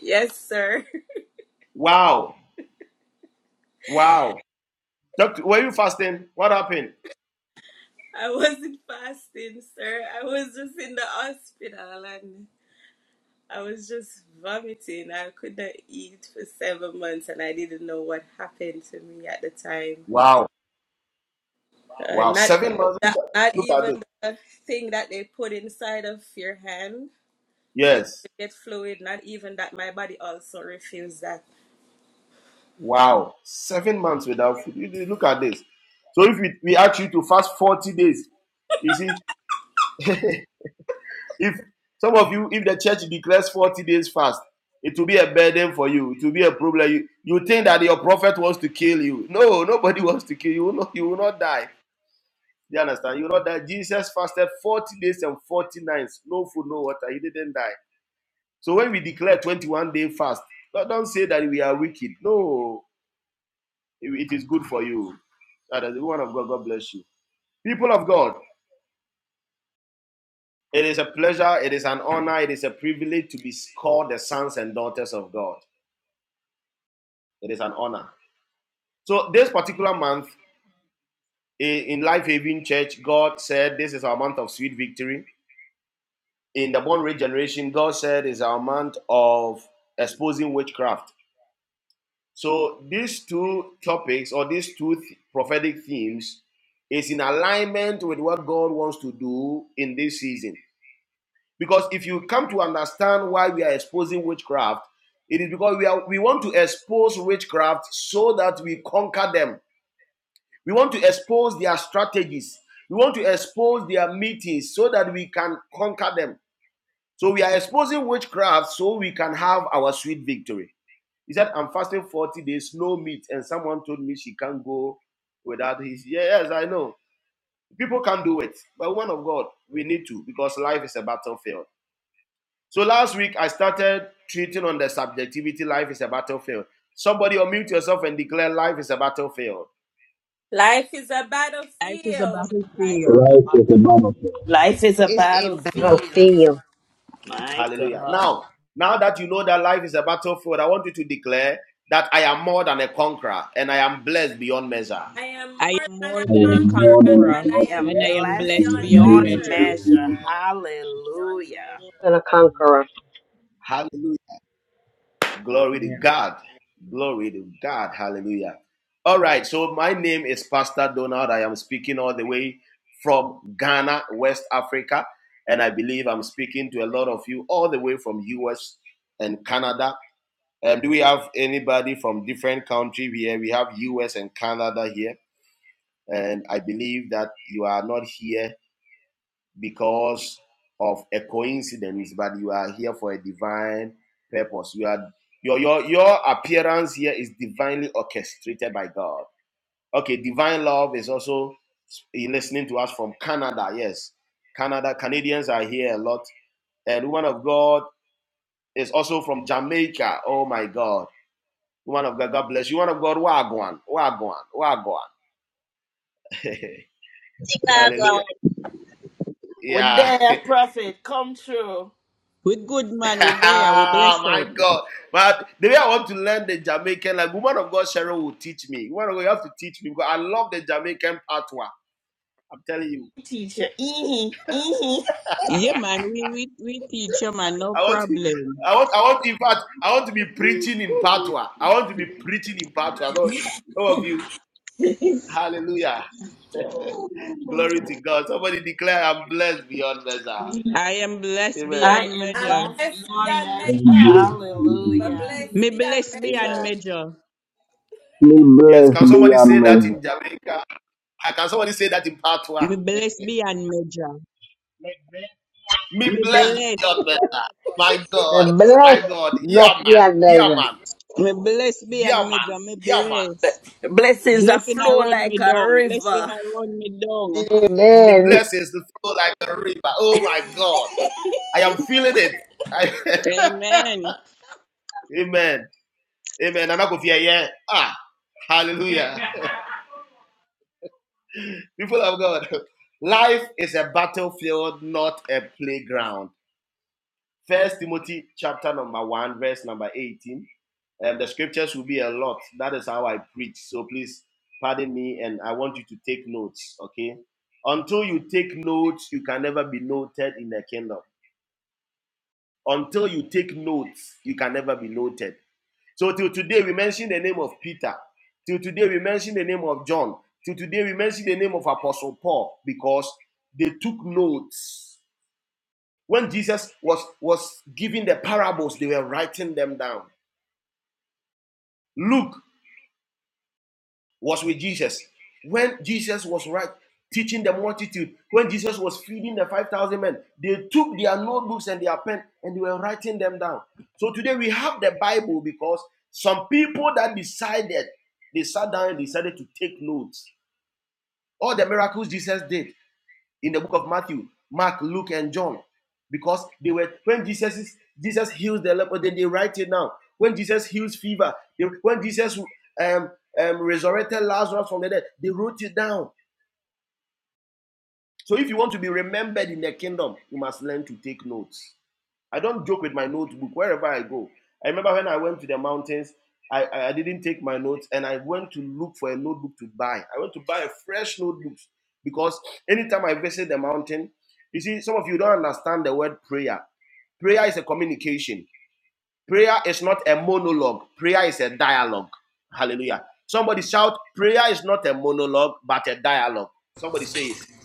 D: Yes, sir. I wasn't fasting, sir. I was just in the hospital and I was just vomiting. I couldn't eat for seven months and I didn't know what happened to me at the time. Uh, not that, not even the thing that they put inside of your hand so you could get fluid, not even that. My body also refused that. Life is a
K: Life is a
D: battlefield.
K: battlefield.
I: Right with the Bible.
F: Life is a
E: It's a
F: battlefield.
E: battlefield
F: My God.
D: I am
K: I
D: more
K: am
D: than a
K: more
I: I
K: than a
J: am
I: am
J: more
D: conqueror,
I: more
J: than a
D: and
I: than a
D: I
K: conqueror,
J: worker.
F: I
J: I
D: am
I: conqueror.
J: am
F: am
K: and I am
J: blessed
D: blessed
I: I
F: blessed
K: blessed
I: am
J: beyond
D: beyond
I: more
K: beyond
J: measure.
I: than a
F: beyond
K: measure.
D: measures.
F: measure. Hallelujah.
E: and a conqueror.
J: Man,
B: Chicago.
F: With their prophet, come true.
K: We good man, we there, we blessed out.
F: Teacher, ee ee.
K: Yeah man, we, we we teach you man, no problem. I am blessed
F: I
K: beyond
F: am
D: I'm
K: measure.
F: blessed
D: blessed
F: beyond
D: beyond
F: measure.
D: measure, but
I: conqueror.
F: Hallelujah.
D: blessed
K: Me
D: beyond
K: blessed beyond
D: measure.
K: measure.
I: Be blessed beyond measure.
K: Me blessed beyond measure. Me blessed.
E: The blessed no fear neither.
K: Me blessed beyond measure. Me blessed.
F: Blessings that
K: Blessing I
F: flow
K: run
F: like
K: me
F: a
K: down. Blessing
F: river.
K: I run me down.
E: Amen.
F: *laughs*
K: Amen.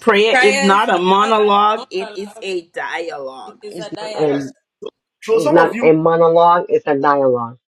F: Prayer is
D: Prayer
F: not
D: is
F: a
D: not a
F: monologue, it is
D: monologue,
F: a
D: it
F: dialogue.
D: is
E: It's
D: a
E: not
D: dialogue.
E: a. It's not a monologue, it's a dialogue.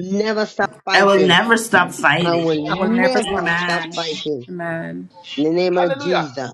E: never stop
F: I will
E: fighting.
F: never stop
E: I
F: fighting.
E: will never stop
F: Amen.
E: fighting. In the name of Jesus.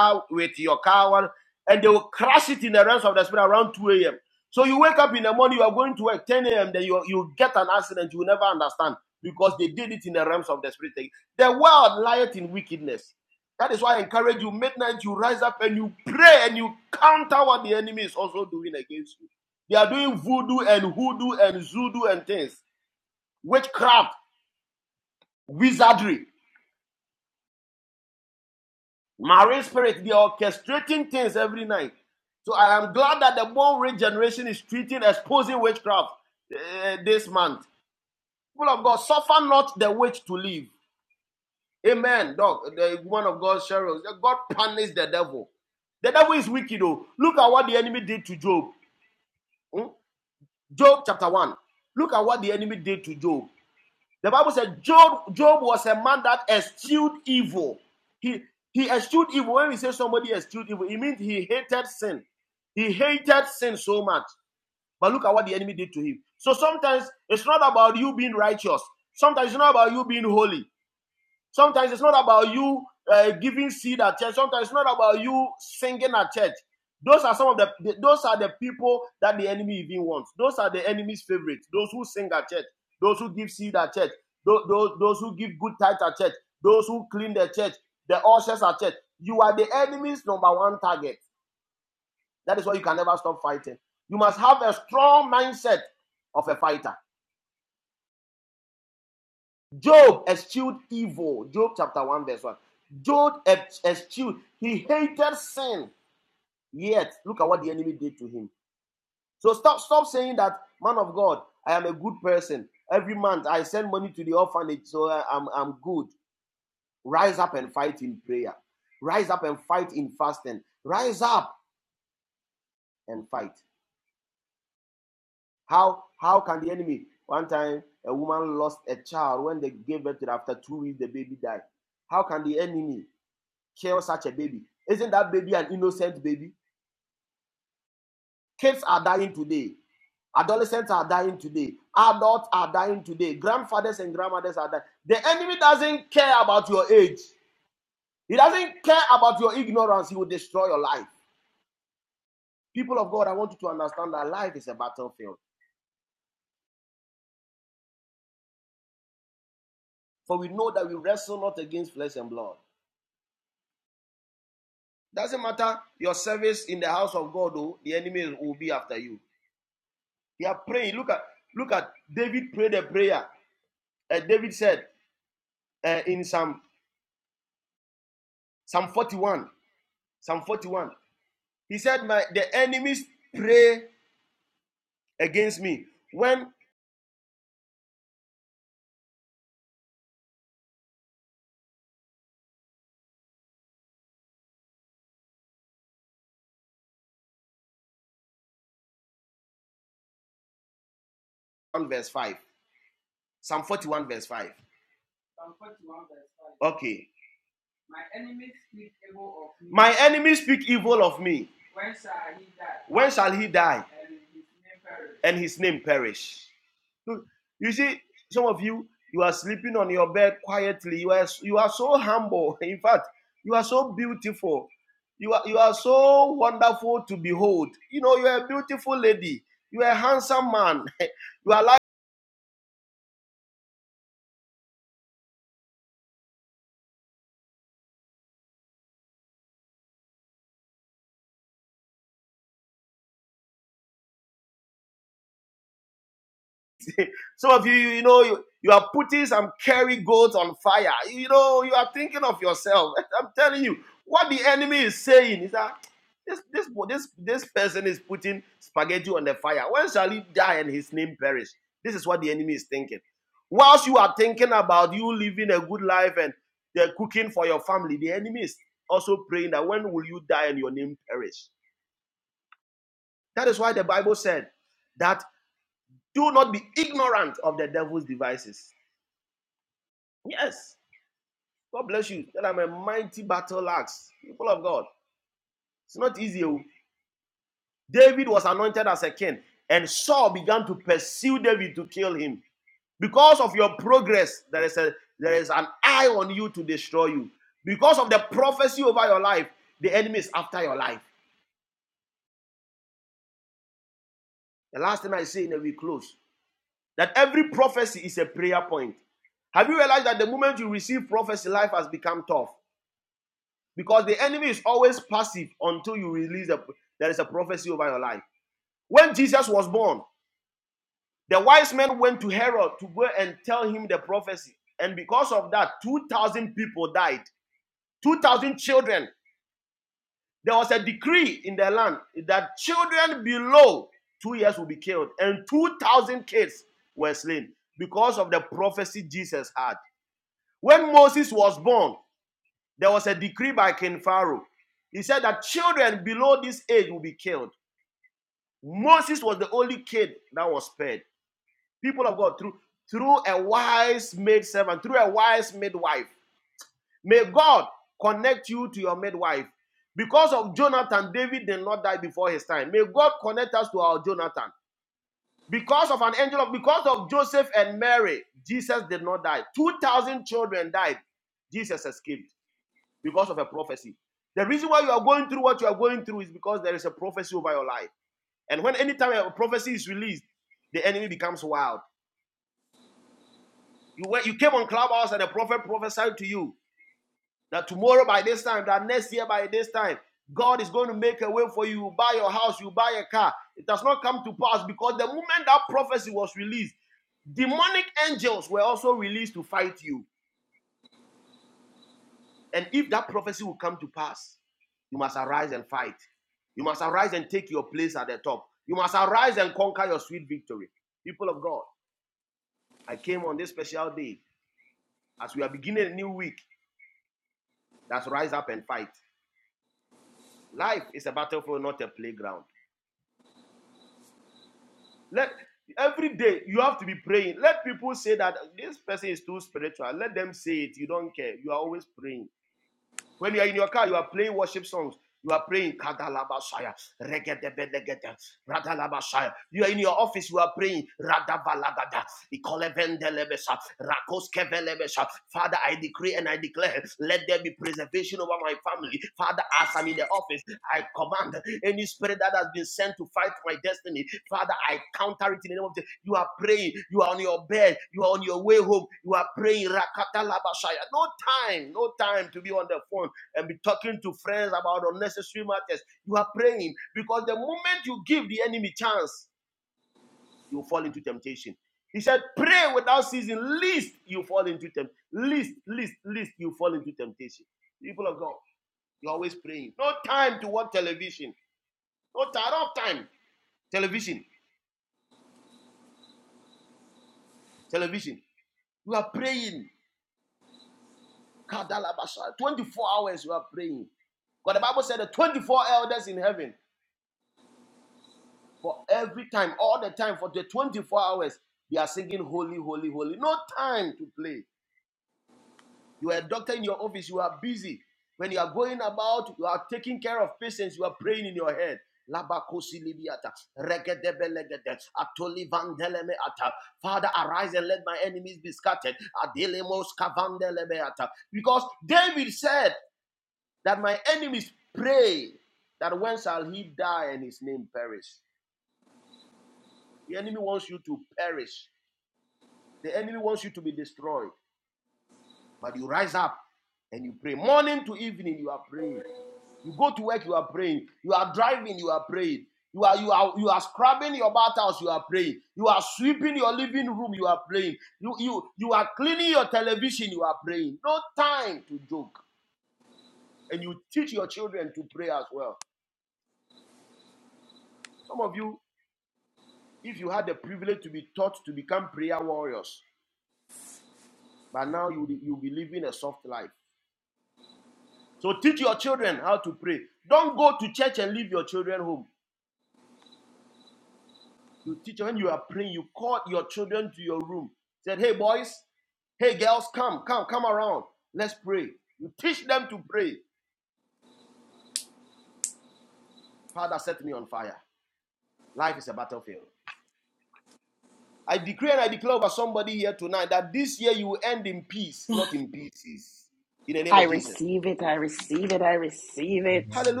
F: I receive it. I receive it. I receive it.
J: amen.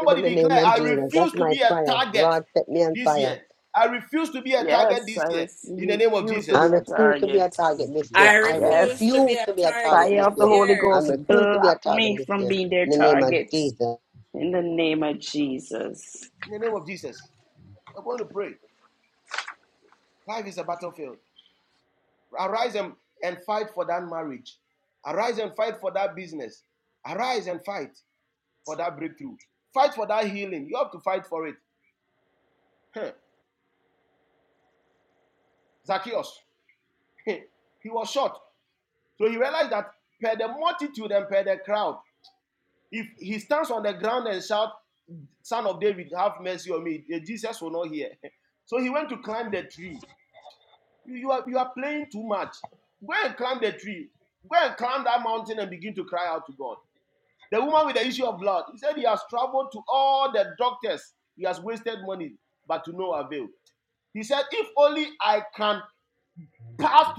E: In the name of Jesus. That's my prayer. Lord, set me on fire.
F: Yes, I receive. Refuse to
E: I
F: be a
E: refuse to be
J: I
E: a
F: target.
E: target
J: refuse to
E: this
J: be a
E: year.
D: I
E: I
J: pie. I
D: refuse to
F: Yes.
D: be
E: refuse
D: a
E: to be a target
D: target
F: Fire
E: this
D: this
F: of the
E: year.
F: Holy
E: I
D: year.
F: Ghost,
E: refuse to be a
F: block
E: target
F: me
E: this
F: from
E: year.
F: being their
E: In the
J: refuse
E: name of
F: target
E: Jesus.
J: to
F: in the name of Jesus.
J: be a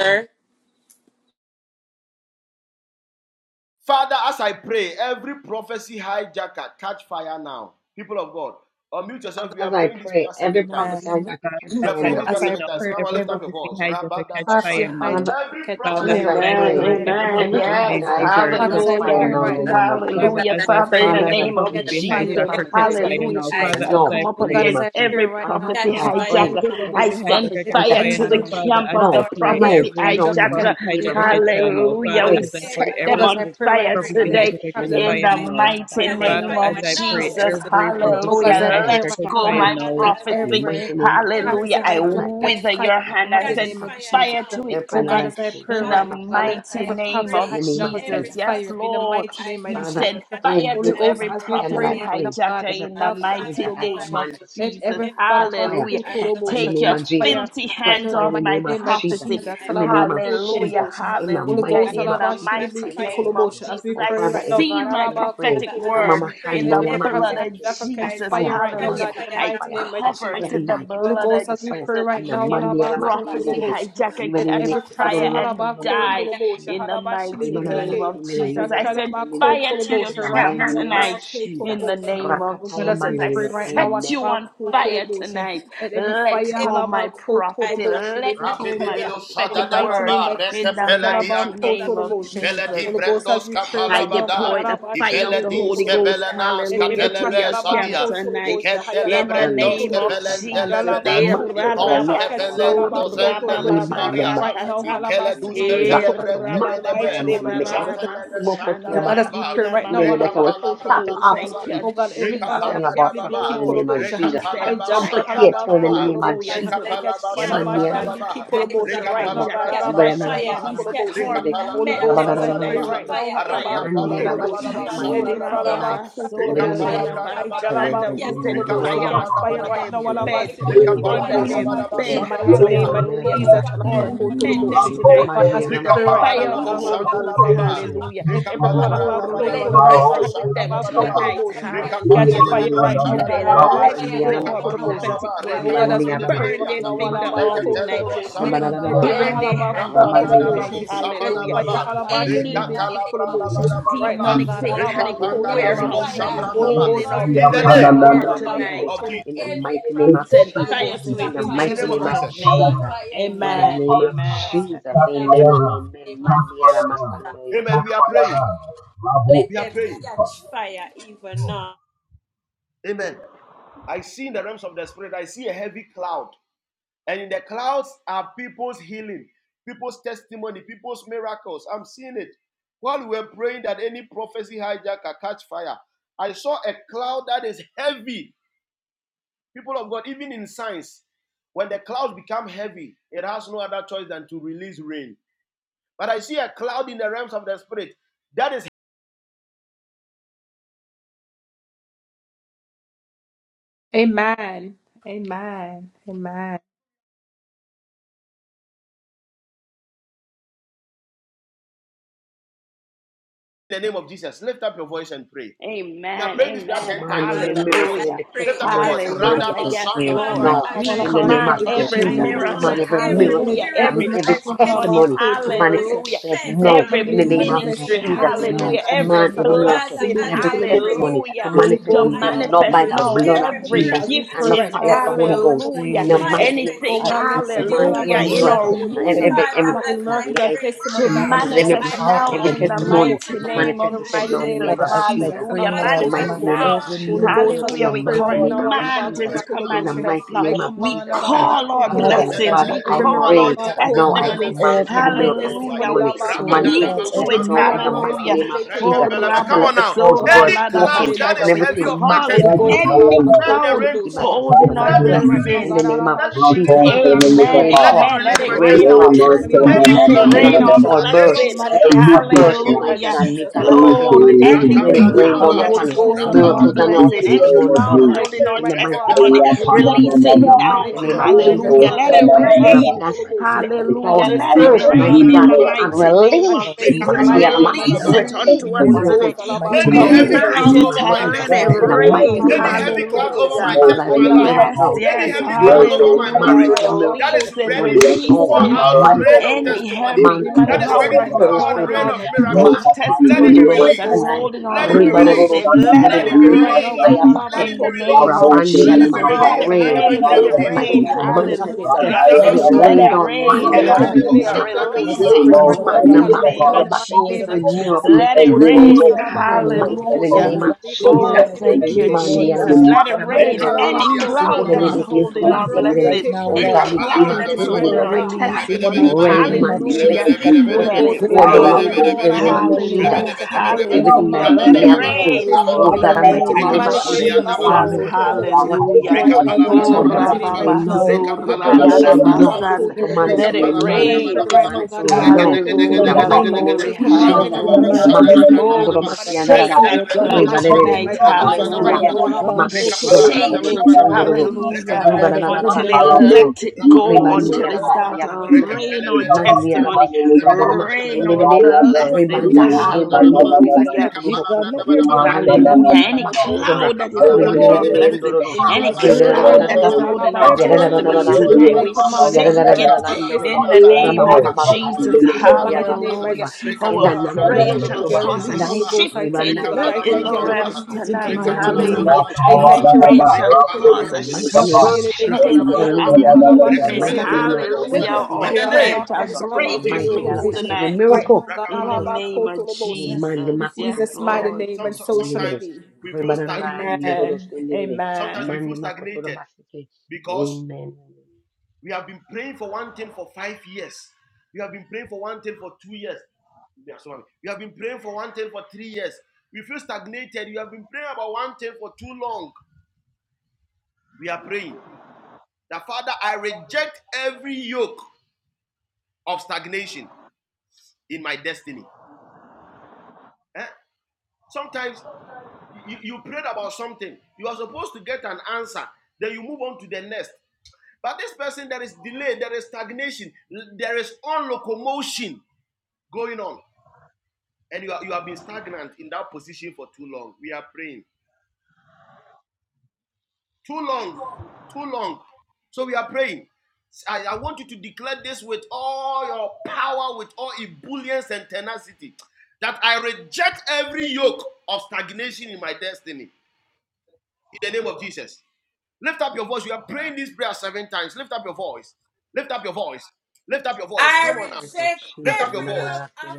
D: Sir,
E: Father, As I pray, every prophecy I got
K: Father,
E: catch
K: As
E: fire
K: I
E: now.
K: pray now, every prophecy hijacker catch fire now.
E: Father,
K: Father,
E: Father, as
K: as
E: I
K: I
F: Amen.
E: pray,
K: pray, every
F: Amen.
E: every
K: prophecy
E: prophesy
F: Yes.
K: hijacker
E: hijacker catch
K: catch
E: fire
F: Hallelujah.
K: fire
E: now in the
K: now.
D: Jesus,
E: name of
K: Father,
D: as
E: Jesus.
F: Hallelujah.
D: I
K: as I
F: Father, in
D: pray,
F: the
K: pray,
E: Father,
D: my
E: as
K: every
E: I
F: name of
E: pray,
D: God,
K: prophecy
E: every
F: Jesus.
K: hijacker
D: every
E: prophesy
K: catch
E: hijacker
K: fire
F: Hallelujah.
E: catch
D: prophecy
K: now.
D: I
E: fire
D: just
K: Father,
F: I
K: as
E: now
K: I
F: come up
E: in the name
K: pray,
F: against
E: of Jesus.
F: every
E: Father,
F: prophecy
E: as
D: catch
E: I
D: fire
E: pray,
F: hijacker.
K: every
D: now.
E: every
F: I
K: prophecy
D: in
F: send
K: hijacker
E: prophesy
K: catch
F: fire
E: hijacker
K: fire
F: to
D: Jesus,
E: catch
F: the
K: now.
E: fire.
K: Father,
F: camp
K: as
F: of the
K: I
E: No,
D: Lord.
K: pray,
E: no,
D: every
F: prophecy
K: every
E: no, in the
F: hijacker.
K: prophet
E: mighty name of
K: hijacker catch
E: Jesus.
K: fire
E: Father, as
K: now.
E: I
F: Hallelujah.
K: Father,
D: Father,
F: We
K: as
E: pray,
K: I
D: ev-
E: every
K: pray,
F: set
D: as
K: every
F: them
D: ev-
E: prophesy
F: on
D: as
E: hijacker
D: I
E: catch
F: fire
D: pray,
E: fire
K: prophecy
E: now
F: today
D: every
K: hijacker
E: in the
K: catch
E: name of
D: prophecy
F: in
K: fire
F: the
D: I
E: Jesus.
D: can
K: now.
E: Father, as I
F: mighty
D: catch
E: pray,
K: Father,
F: name of
D: fire
E: every
K: as I
E: prophesy
K: pray,
D: now
F: Jesus.
E: hijacker catch
K: every
D: in the
E: fire now.
D: name of
F: Hallelujah.
K: prophecy
E: Catch fire,
F: Let
D: Jesus.
K: hijacker catch
E: catch
F: go
K: fire
E: fire,
F: my
K: now.
D: Father,
E: catch
D: as
E: fire in
D: I
E: the
F: prophecy.
D: pray,
E: mighty name of Jesus.
D: every
F: Hallelujah. I
D: prophecy
E: Father, every
D: I
F: wither
D: can
F: your
E: prophecy,
F: hand. I
D: catch
E: every
F: send
E: prophecy.
D: fire
F: fire to
D: now.
E: Every
F: it
E: prayer that
F: tonight
E: I pray,
F: in
E: every
F: the
D: Father,
E: prophecy I
D: as
E: just
F: mighty
D: I
E: catch fire
F: name
E: in
F: of
D: pray,
E: the name of
F: Jesus.
D: every
E: Jesus.
F: Yes,
D: prophecy
F: Lord,
D: I
F: we
D: can
E: Father,
F: send
D: catch
F: fire
E: every
F: to
D: fire
F: every
E: pra-
D: now in
E: prayer
D: the
E: that
F: prophecy
E: I
D: name
E: pray,
F: hijacker
E: every
F: in the
D: of Jesus.
E: prophecy I
D: Father,
E: jack,
F: mighty
D: as
E: I
F: name
D: I
F: of
E: command
D: pray,
E: to catch
F: Jesus.
E: fire,
D: every
E: catch
D: prophecy
E: fire,
F: Hallelujah.
D: I
E: catch
D: can
E: fire in the
F: Take
E: name
F: your
E: of
D: catch
E: Jesus,
D: fire
F: filthy
D: now.
E: catch
F: hands
E: fire in
F: off
E: the
F: my
E: name of
D: Father,
E: Jesus,
F: prophecy.
D: as I
E: in the name
D: pray,
E: of
D: every prophecy
E: Jesus,
F: Hallelujah,
E: in the
F: hallelujah.
D: I
E: mighty name
F: In
D: shall
E: of
F: the
E: Jesus
D: cast
F: mighty
E: Christ of
D: fire now. in
F: name of
E: Nazareth.
F: Jesus,
E: Oh
F: I
E: Father, every
F: seal
E: prophecy
F: my
E: that I pray,
F: prophetic
D: Father, as I
F: word
E: Amamakan
F: in
D: pray,
E: no
F: the
D: every
E: Yaman
F: blood of
E: Yemeke,
D: prophecy
E: catch
D: I
F: Jesus.
D: shall
E: fire, I
D: catch
F: Hallelujah.
E: command to
D: fire
F: I
E: catch
D: now
E: fire,
D: in the
E: catch
F: cover
D: name
E: fire
F: it in
E: and
F: the
E: die, catch
D: of Jesus.
E: fire,
F: blood of
E: catch fire,
F: Jesus.
D: I
E: in the
D: pray,
E: man
D: my
F: You
E: Yalamasi
D: God,
E: and
F: prophecy
D: that
E: Didi.
D: every
E: We
F: hijacker,
E: in
F: catch
E: the
D: prophecy I
E: Kuturu
F: fire
D: shall
F: and
E: Rosun no
D: catch
F: die
D: fire now.
F: in the mighty
D: Almighty
F: name
D: by
F: of
D: your fire and
F: Jesus. I
D: power,
F: send
D: in
E: Namasakan
F: fire to your
E: in the
F: camp
E: mighty name of
D: Burn
F: tonight
D: and
E: Jesus.
F: in
D: destroy
F: the
D: them
F: name
D: even
F: of
D: now.
E: Rakataya
D: Mighty
F: Jesus. I
D: by
E: mandene.
D: your fire
F: set
D: and
E: Amen.
F: you on
D: power, in the
F: fire
D: name of
F: tonight.
D: Jesus.
F: Let go
D: Every prophecy
F: my
D: I
F: prophecy.
D: drop a
F: Let
D: catch
F: go my
D: fire
F: prophetic
D: now in
F: word
D: the mighty
F: in the
D: name of
F: mighty
D: Jesus.
F: name of
D: Let my heart
F: Jesus.
D: come forth in the
F: I
D: name of
F: deploy the
D: Jesus.
F: fire of the
D: Let my
F: Holy Ghost.
D: God,
F: Hallelujah to your
D: my
F: camp tonight.
D: prophecy come
F: In
D: forth
F: the
D: now,
E: Unlimited
F: name
D: even
F: of
D: now, mighty
E: Absattai,
D: God,
F: Jesus.
D: by the
F: Eh,
D: fire and
F: ra,
D: the
F: ra,
E: Mastika,
D: power and the
E: for
D: name
F: so,
D: of
E: prophecy,
D: Jesus. God,
E: Rimane
D: we give you
E: Makatana
D: thanks even
E: Masana,
D: now, mighty
F: Eh,
D: God,
E: Ribakato,
D: because
F: ra, ba,
D: the
F: ba,
E: Mastika
D: word is already
F: so,
D: done
E: Yaman,
F: ra,
E: make
F: ra,
D: for
E: a
D: us, oh God, it is
E: Mandiboko to
D: already said,
E: Yamakata.
D: and
E: In
D: oh
E: any that will
D: God,
E: chop
F: Oh,
E: off
D: your
F: thank
D: word
F: you,
E: and
D: cannot go
E: take
D: back
E: off
D: for
E: your
D: us,
F: Jesus.
E: hand of our
F: Yes,
D: even now,
E: prophets
D: oh
E: in the
D: God,
F: Lord.
D: by
E: name of
D: the
F: We
E: Jesus.
D: fire and
E: But
F: said
D: the power in the
F: fire.
E: amputate
D: name of
E: turn in the name of
F: Hallelujah
D: Jesus,
E: Jesus.
F: to the
D: let
F: camp
D: every
F: of
E: Maniana
F: that
D: prophecy
E: Mastika,
F: prophecy
D: hijacker
E: Ketumo,
F: hijacker
D: catch
F: tonight.
E: Ribanana
D: fire,
F: We
E: Katana
D: catch
E: Masina,
D: fire, catch
F: torment them
D: Holy
F: tonight
D: Ghost
E: Rabana
F: with the
D: fire in the
L: Lord,
F: fire
L: touch
F: of
D: name
F: the
D: of
L: prayer
F: Holy
E: Mandiana
L: right
F: Ghost.
L: now
E: Mastika
L: in the
D: Jesus.
E: Yaman,
L: name
F: Oh,
L: of
D: Let
L: Jesus.
D: every
E: Masana,
D: prophecy
L: Lord,
E: even in
F: rababasora
L: touch
D: hijacker
L: prayer
F: larabasanda.
E: the
L: right
F: We
D: catch
F: set
L: now. Lord,
E: Wina
D: Holy
F: fire
E: mama
D: Ghost
F: on top
L: touch
E: makatara
F: of
D: fire,
F: their
E: basilele,
D: Holy
F: bed,
D: Ghost
L: prayer
E: mandira na
L: in
F: under
D: fire
L: the
E: kutura
F: their
L: name
D: upon
L: of Jesus.
F: bed.
E: basilele,
D: every prophecy
E: wibelele na
F: Hallelujah. We
E: na
L: Touch
D: hijacker.
E: kiyere
L: prayer
E: na
L: in the
D: Even
E: katanda,
F: torment
D: now,
L: name of
F: them
D: oh
L: Jesus.
D: God,
F: tonight
D: by
E: ramandira
D: your
E: na
F: with the
D: fire and
E: masendo,
D: your
F: fire of the
D: power
E: wibebe
D: in
F: Holy
D: the
E: kitu na
F: Ghost.
D: mighty name
E: basilele,
D: of
F: Hallelujah.
E: wima
D: Jesus.
E: mama
F: Oh, oh
E: kakama
F: we
D: Let
E: yende
I: Let
E: na
D: every
F: wrestle with
E: makuto,
D: prophecy
F: them
E: iba
F: tonight.
E: kasa
D: hijacker
E: ya
D: catch
E: masi kaya
F: Hallelujah.
D: fire
E: mandi yedi
F: Until
D: set
E: kitu,
F: they
D: them on
F: let
D: fire
E: mandira na
F: go our
D: even now,
E: masandare,
D: oh
F: prophetic
D: God,
F: word.
D: in the
F: We
E: ribandira na
D: mighty name
F: burn
D: of
F: their
E: masikundo
F: finger
E: mandire,
D: Jesus,
F: off tonight.
D: Lord,
F: We
D: let
E: ribana na na na
D: fire
F: burn
D: be
E: sana,
F: their
D: upon
F: hands off
D: every
E: ramandira na
F: tonight.
E: kitu
D: prophecy
E: na
D: I
F: Hallelujah.
E: makundo no,
D: chakra in
F: Any
E: mandira na
D: the name of
E: masikundo na
D: Jesus.
E: makiyana
F: demonic
D: Let them
F: satanic
D: catch
E: Mandelebe
F: warehouse that
D: fire.
F: is
E: keturumokelebe,
F: holding our
D: Lord,
F: prophetic
D: release
E: ribanalaya
D: your
F: word
D: fire
E: mandelebe.
F: tonight.
D: upon
E: In the
F: We
D: every
E: mighty name of
D: prophecy
F: send
E: Jesus.
D: I
F: fire to
E: In
F: it
E: the
D: chakra.
F: in
E: mighty name of
F: Jesus'
D: Mighty God,
F: name.
E: Jesus.
D: by your
E: In the
D: fire
F: Amen.
D: and
E: name of
D: your
F: Amen.
D: power
E: Jesus.
D: in the
E: Amen and
D: mighty
E: amen.
D: name of
E: Mandiara
D: Jesus. Let them catch fire even now.
F: Amen. Amen.
E: Command every
D: Father, as
E: miracle
D: I
E: and
F: Hallelujah.
E: the
D: pray,
E: testimony
D: every
E: to
L: Father, as
D: prophet,
F: Hallelujah.
E: manifest
L: I
F: Yes,
L: pray, I
E: itself
F: Lord.
D: Father,
L: command,
E: now.
D: as
F: We
L: I
D: I
E: In the name
D: pray,
L: command
E: of
F: command
D: now
F: every
L: every
D: I
E: Jesus, I
L: miracle
F: miracle.
L: and
E: command
D: command
E: every
L: testimony.
D: every
E: miracle
F: Hallelujah.
E: and
D: miracle
F: Every
D: and
E: every
F: testimony.
E: testimony
D: testimony
E: to
D: to
E: manifest
F: Hallelujah.
E: itself
D: manifest
L: Father, I
E: now.
F: Every
D: now
E: In the
L: pray
E: name
D: in
E: of
D: the
L: now
F: ministry.
D: name
L: and
D: of
L: I
E: Jesus, I
L: command
F: Hallelujah.
L: every miracle and
D: Jesus.
F: Every
E: command every miracle
D: Father,
F: blessing.
E: and
D: as
E: every
D: I
L: testimony
D: pray
E: testimony
L: of
E: to
F: Hallelujah.
L: this
D: now,
F: To
E: manifest
D: I
E: itself
L: family to
E: now
F: manifest
E: by
D: command
E: the
L: manifest
F: now.
L: now
E: blood of
D: every
L: in the
F: Every
L: name
E: Jesus
L: of
D: miracle
L: Jesus.
E: and
D: and
E: the
F: giftings.
E: fire of the Holy
L: Father, I
D: testimony
E: Ghost.
D: to
L: pray
F: Hallelujah.
E: In the
L: now.
E: mighty name
D: manifest
E: of
F: Anything.
L: I
E: Jesus,
D: in
E: I
L: command
E: command
L: every
E: every
D: Jesus'
F: Hallelujah. In
D: name.
F: our
E: miracle
L: miracle and
E: and
F: womb.
E: every
D: Father,
E: every
L: testimony of
D: as
L: my
D: I
F: Hallelujah
L: life
D: pray
F: to
L: to
D: now,
E: and
L: manifest
E: every
F: manifest
D: I
L: now
F: now
E: every
L: in
F: in
D: command
L: the
F: the
L: name of
E: testimony
D: every
F: mighty
E: to
L: Jesus.
F: name
D: miracle
E: manifest
F: of
D: and
E: itself now in the
F: Jesus.
E: name
L: Father,
E: of
L: as
D: testimony to
L: I
E: Jesus.
L: pray
F: Hallelujah.
L: now,
E: In
L: I
E: the
F: Manifest
E: mighty
D: manifest
L: command
E: name of
F: now.
D: now
L: every
E: Jesus.
L: miracle
E: In
F: Hallelujah.
E: the
L: and
F: We
E: mighty
L: testimony to
E: name of
F: command
E: Jesus.
F: it
L: manifest.
F: to
E: In the
F: manifest
E: mighty
F: now.
E: name of
F: We
E: Jesus Christ
F: call our
E: of
L: Father, as
E: Nazareth.
L: I
F: blessings.
E: Father,
F: We
L: pray
E: I
F: call our
E: pray
L: now, I
E: now. I
L: command
F: testimonies.
E: command
L: every
E: every miracle and
L: manifest,
F: Hallelujah.
E: testimony
F: We
E: to
L: oh
E: manifest
F: speak
L: God,
F: to
E: itself
L: every
F: it.
E: now in the
L: miracle and
E: mighty
F: Hallelujah.
E: name of
F: Oh,
E: Jesus.
L: testimony to
E: I
L: manifest
E: tell let the clouds
F: Rabasura
L: in
E: burst
L: the
E: open and
L: name
F: Ladabasana. We
E: everything
F: call it
E: massacre.
L: of Jesus.
F: any
E: Makatanabakoto,
F: cloud holding our
L: Yes,
E: Imakasinabakoto. In
F: blessing.
E: the name of Jesus, let the
F: Amen.
E: rain
F: Amen.
E: fall.
F: Let it
L: Lord. Yes,
E: Rain
F: rain our
E: fall, man,
F: testimony.
L: Lord. Yes, Lord.
F: Let it
E: you know,
F: rain
E: let the
F: our
E: cloud burst.
F: blessing.
E: Let the cloud burst, Almighty
F: Hallelujah.
E: God.
I: me
E: Mikasataya
F: Oh,
I: see,
E: mandiba.
I: leave
F: any
E: Let
I: my
E: it
L: Let the
E: rain
I: business
F: cloud
E: down
L: fire
F: that
L: of
F: is
E: upon us.
L: God, God,
I: in
F: holding
L: that we
F: our
I: the
E: Miracles and our
L: right
F: blessing,
I: mighty
L: now,
F: any
I: name
L: that
E: testimonies,
I: of
E: oh
F: cloud
E: God.
L: we
F: holding
I: Jesus.
F: our
E: In the
L: have to take
E: mighty name
F: testimony,
E: of
L: let there
E: Jesus.
L: be
F: release
L: a
F: it
E: In
L: release,
E: the
I: Ayapadabadaba.
F: now.
E: mighty
L: oh
E: name
L: Lord
E: of
L: God,
E: Jesus,
L: let there
F: Hallelujah.
L: be
E: the
F: Let
L: a release
F: it
L: in
E: mighty name of
L: the
I: Yekosadabadaba.
F: rain.
E: Nazareth.
L: peace,
E: Let the
I: I
F: Hallelujah.
E: cloud
F: Let
I: command
F: it
L: Lord
E: burst,
L: God,
I: every
E: mighty
F: rain in
E: God,
F: the
I: miracle,
E: and
L: for your
F: mighty name of
E: release
L: people.
I: I
L: I
F: Jesus.
E: Monday and
I: command
L: pray for
E: Makasa.
F: Release
I: every
L: my
F: it
E: Release
F: unto us
E: upon us.
I: testimony
L: miracle
F: today.
L: for my
F: We
I: to
L: children,
E: Release in
I: manifest
E: the
F: command you
E: name of
F: to
I: now
L: Lord
I: in the
E: Jesus.
F: let it
L: God,
I: mighty
E: In the
L: a
I: name of
E: mighty
F: rain.
E: name
I: Jesus.
E: of
L: testimony to
E: Jesus Christ.
L: manifest
F: Hallelujah.
L: now.
I: Praise
E: Father,
I: the
E: as we
I: name
E: pray
I: of
E: right
F: Yes,
I: God.
E: now, we
F: yes,
E: command, I
F: hallelujah.
E: command every miracle and
I: Yekosadabadaba.
F: Release it,
E: testimony
I: Yes,
F: release
E: Oh
I: Lord,
E: God,
F: it.
E: to manifest
I: Maradona.
E: itself.
F: Any
E: I
F: heavy
E: command the clouds
F: cloud
E: to
F: that is
I: Yekosadabadaba.
E: burst
F: holding
E: open.
F: our
I: God
F: death
I: bless upon
F: testimony,
I: you,
E: Masikandoro
I: Lord.
F: that
I: Maradona,
F: is
E: masanai.
F: holding our
I: Lima
E: Ribarororo
F: blessing, let
I: Sadama,
F: it
E: siyendelele.
I: Lima
F: rain
E: Rikataya
I: Sadama,
F: in the
E: bakoto.
F: name
I: Rako
F: of
E: Rabandi adama.
F: Jesus.
I: Selimika,
L: and
E: Let it
F: Let
L: the
F: it
E: rain.
F: rain,
E: Oh
F: let
L: adversary
I: Rabaya
F: it
E: God,
L: that you
E: Almighty, let
L: really
F: rain,
I: Dadada,
E: it
L: want to stop
E: manifest
L: it.
E: itself.
F: hallelujah.
I: Rabaya
E: Let
L: My
E: it
F: Let
E: rain
I: Dadada,
F: it
L: God, stop
E: down.
L: it,
F: rain,
L: oh
E: Mandi
I: Rabaya
L: God.
I: Dadada,
F: hallelujah.
E: ebeketura
L: And
E: makasata.
L: every
F: Release it
I: Lima
L: prince
F: unto
L: of
F: us
E: Mana
F: in the
I: Selimika,
L: righteousness
F: name
L: that I
F: of
E: makutura basa.
L: withhold the,
E: Every
F: Jesus.
L: the
E: miracle
I: Almighty
E: and
F: Let it
I: every
L: manifestation
E: testimony.
F: rain,
L: of
I: miracle,
E: I
L: a
E: said,
L: miracle.
E: mighty
I: I
E: God, in the
F: hallelujah.
L: oh
E: name
I: commit
E: of
L: God, of
I: this
L: the
E: Jesus.
L: area
F: Oh,
L: that we
F: thank
I: testimony
F: you,
L: live, Lord
E: Mandi
I: to
F: Jesus.
E: adama
L: God.
F: Let it
E: katara
L: Let
I: manifest
E: basa
L: there
F: rain.
L: be a
E: yakata.
F: Any
L: release in the
F: cloud that
L: name
F: is
I: and
L: of
I: manifest
F: holding our
L: Jesus
I: the
E: Even
L: right
F: blessing,
L: now,
E: Oh
F: any
E: God,
L: God.
E: we
I: mighty
F: cloud
L: We
E: command
F: that
E: it
F: is
E: to
L: pray
E: rain,
L: for
F: holding
L: a
F: our
E: Almighty God.
L: release in the
F: testimonies,
L: mighty
E: Rain,
L: name
E: man,
L: of
E: may you
I: name
F: hallelujah.
E: make
L: Jesus.
I: of
E: it.
I: Jesus.
E: Let it
F: Let
L: We
F: it
L: pray
E: pour
L: for
E: down
L: a
F: rain.
E: upon us
I: Rako
L: release
E: in the
L: now
E: name
L: in
E: of
L: the
I: Selimika,
E: Jesus.
L: name of
F: Hallelujah.
E: After
L: Jesus.
I: Lima
E: everything that
F: Hallelujah.
E: the
L: We
F: Let
E: enemy
I: Sadama,
F: it
E: have
L: pray for
E: held,
L: a
F: rain
E: oh
F: in
L: release
F: the
I: Rabaya
E: God
L: in the,
E: Almighty, in
F: name
E: the
L: in
E: name
F: of
E: of
L: the
E: Jesus,
I: Dadada,
E: our
L: atmosphere,
F: Jesus.
L: oh
E: miracle
L: God.
E: and
I: Thank
E: our
F: Hallelujah.
L: Oh,
E: testimony,
L: Father,
E: we
F: Oh,
L: children,
E: command it to
L: it
E: rain
L: right
E: now.
L: now.
F: rababaso,
E: We
L: Let there
E: command
L: be
E: it
L: a
E: to rain
L: release
E: now.
L: of His
F: rarabasanda.
E: We command
L: miracle.
E: it
F: Let
L: Let
E: to
F: it
L: there be
E: rain
L: a
E: now.
L: release
E: We
F: rain.
L: of His
E: command it to rain
L: testimony.
E: now.
L: In
E: In the
L: the
F: Hallelujah.
L: name
E: mighty
L: of
E: name
F: Glory.
E: of
L: Jesus,
E: Jesus.
L: in the
F: Hallelujah.
L: mighty name
E: Masti
L: of
F: Oh,
E: kandoro
F: we
E: masti
L: Jesus.
F: shake
E: andarara.
F: that
L: Lord God, let
F: cloud
E: Riba
L: there
E: de
L: be a
E: de de
F: tonight.
L: release. We
E: kuturba sayanda.
L: command,
F: Hallelujah.
L: oh
F: We
L: God,
E: Makke turba
F: shake
E: kide
L: oh
F: it.
L: God, a release, oh
F: Hallelujah.
L: God, of every
F: Until it
L: miracle
E: Ribararararahiandororo.
F: let it
L: testimony.
F: go,
E: Ribande
L: Oh
F: until it
L: God, for
E: yaramandi
L: my
F: start to
L: husband,
E: yaramandai.
L: for
F: rain our
L: my daughter,
E: Mandi
L: oh
F: testimony,
E: yaramasi kundoromasi
L: God,
F: rain our
E: yenderere.
L: let there
F: blessings.
L: be a
E: Ribandaya
L: release,
E: ribando
L: Lord God, of
F: Hallelujah.
L: salvation.
E: ribaketurobokoto.
L: Let there be a
E: Mandi
L: release
F: Hallelujah.
L: of
F: Any
L: your hope.
E: nakatrabakoturobo.
F: cloud that is
L: Let there be
F: holding
L: a
F: our
L: release
F: blessing,
E: Ribararararandororo.
L: in
F: any
L: ministry, Lord
F: cloud that is
E: Ribarararararara.
L: Jesus. Let
F: holding our
L: there
I: you.
L: be a
F: testimony
L: release
I: Thank
L: in the
F: tonight,
E: Yarararararandororo.
F: we
L: mighty name of
F: shake it
L: Jesus.
E: Yarararararandororo.
F: in the
L: Let
F: name
L: there
F: of
L: be a
F: Jesus.
L: release in the name of
F: Hallelujah.
E: Ramamamamamandiramandiyabakuturoba.
L: Jesus.
F: Our
L: Let
F: prayer
L: there
F: shall
L: be a
F: cause a
L: release.
E: Enanananakatturobakandai.
F: shifting
L: Let
F: in
L: there
F: the
L: be a
F: realms
E: Ribandayebandiemeketo.
L: release in the
F: tonight.
L: mighty name
F: Hallelujah.
L: of
F: Our
L: Jesus. Let
F: prayer
E: Ribandiyaramasikayamandirobokoto.
L: the
F: shall
L: fire
E: In
F: cause
E: the
L: of
F: a
E: mighty
L: God
E: name
L: burn
E: of
L: the
E: Jesus,
L: hearts
F: shifting,
L: of the
F: a
E: hallelujah.
L: adversary that would
E: In the
L: want to
F: movement.
L: stop
E: mighty
L: it.
E: name of
L: Let
F: Hallelujah.
L: the
E: Jesus,
F: Our
L: fire of
F: prayer
L: God
F: shall
E: Ibakaparabakoso.
L: destroy
F: break
L: every
F: it
E: mighty
L: yoke
E: God,
F: loose
L: right
E: after
L: now.
E: every
F: tonight
E: miracle.
F: in the
L: Jesus.
F: name of
E: Amen.
F: Jesus. Yes, Lord.
E: Nemakotobakiarakatelekiendelele. Rebarararaniororosendele. Manemakotorobasike. Amen.
D: I
E: Thank you,
D: reject
E: Jesus.
D: every yoke of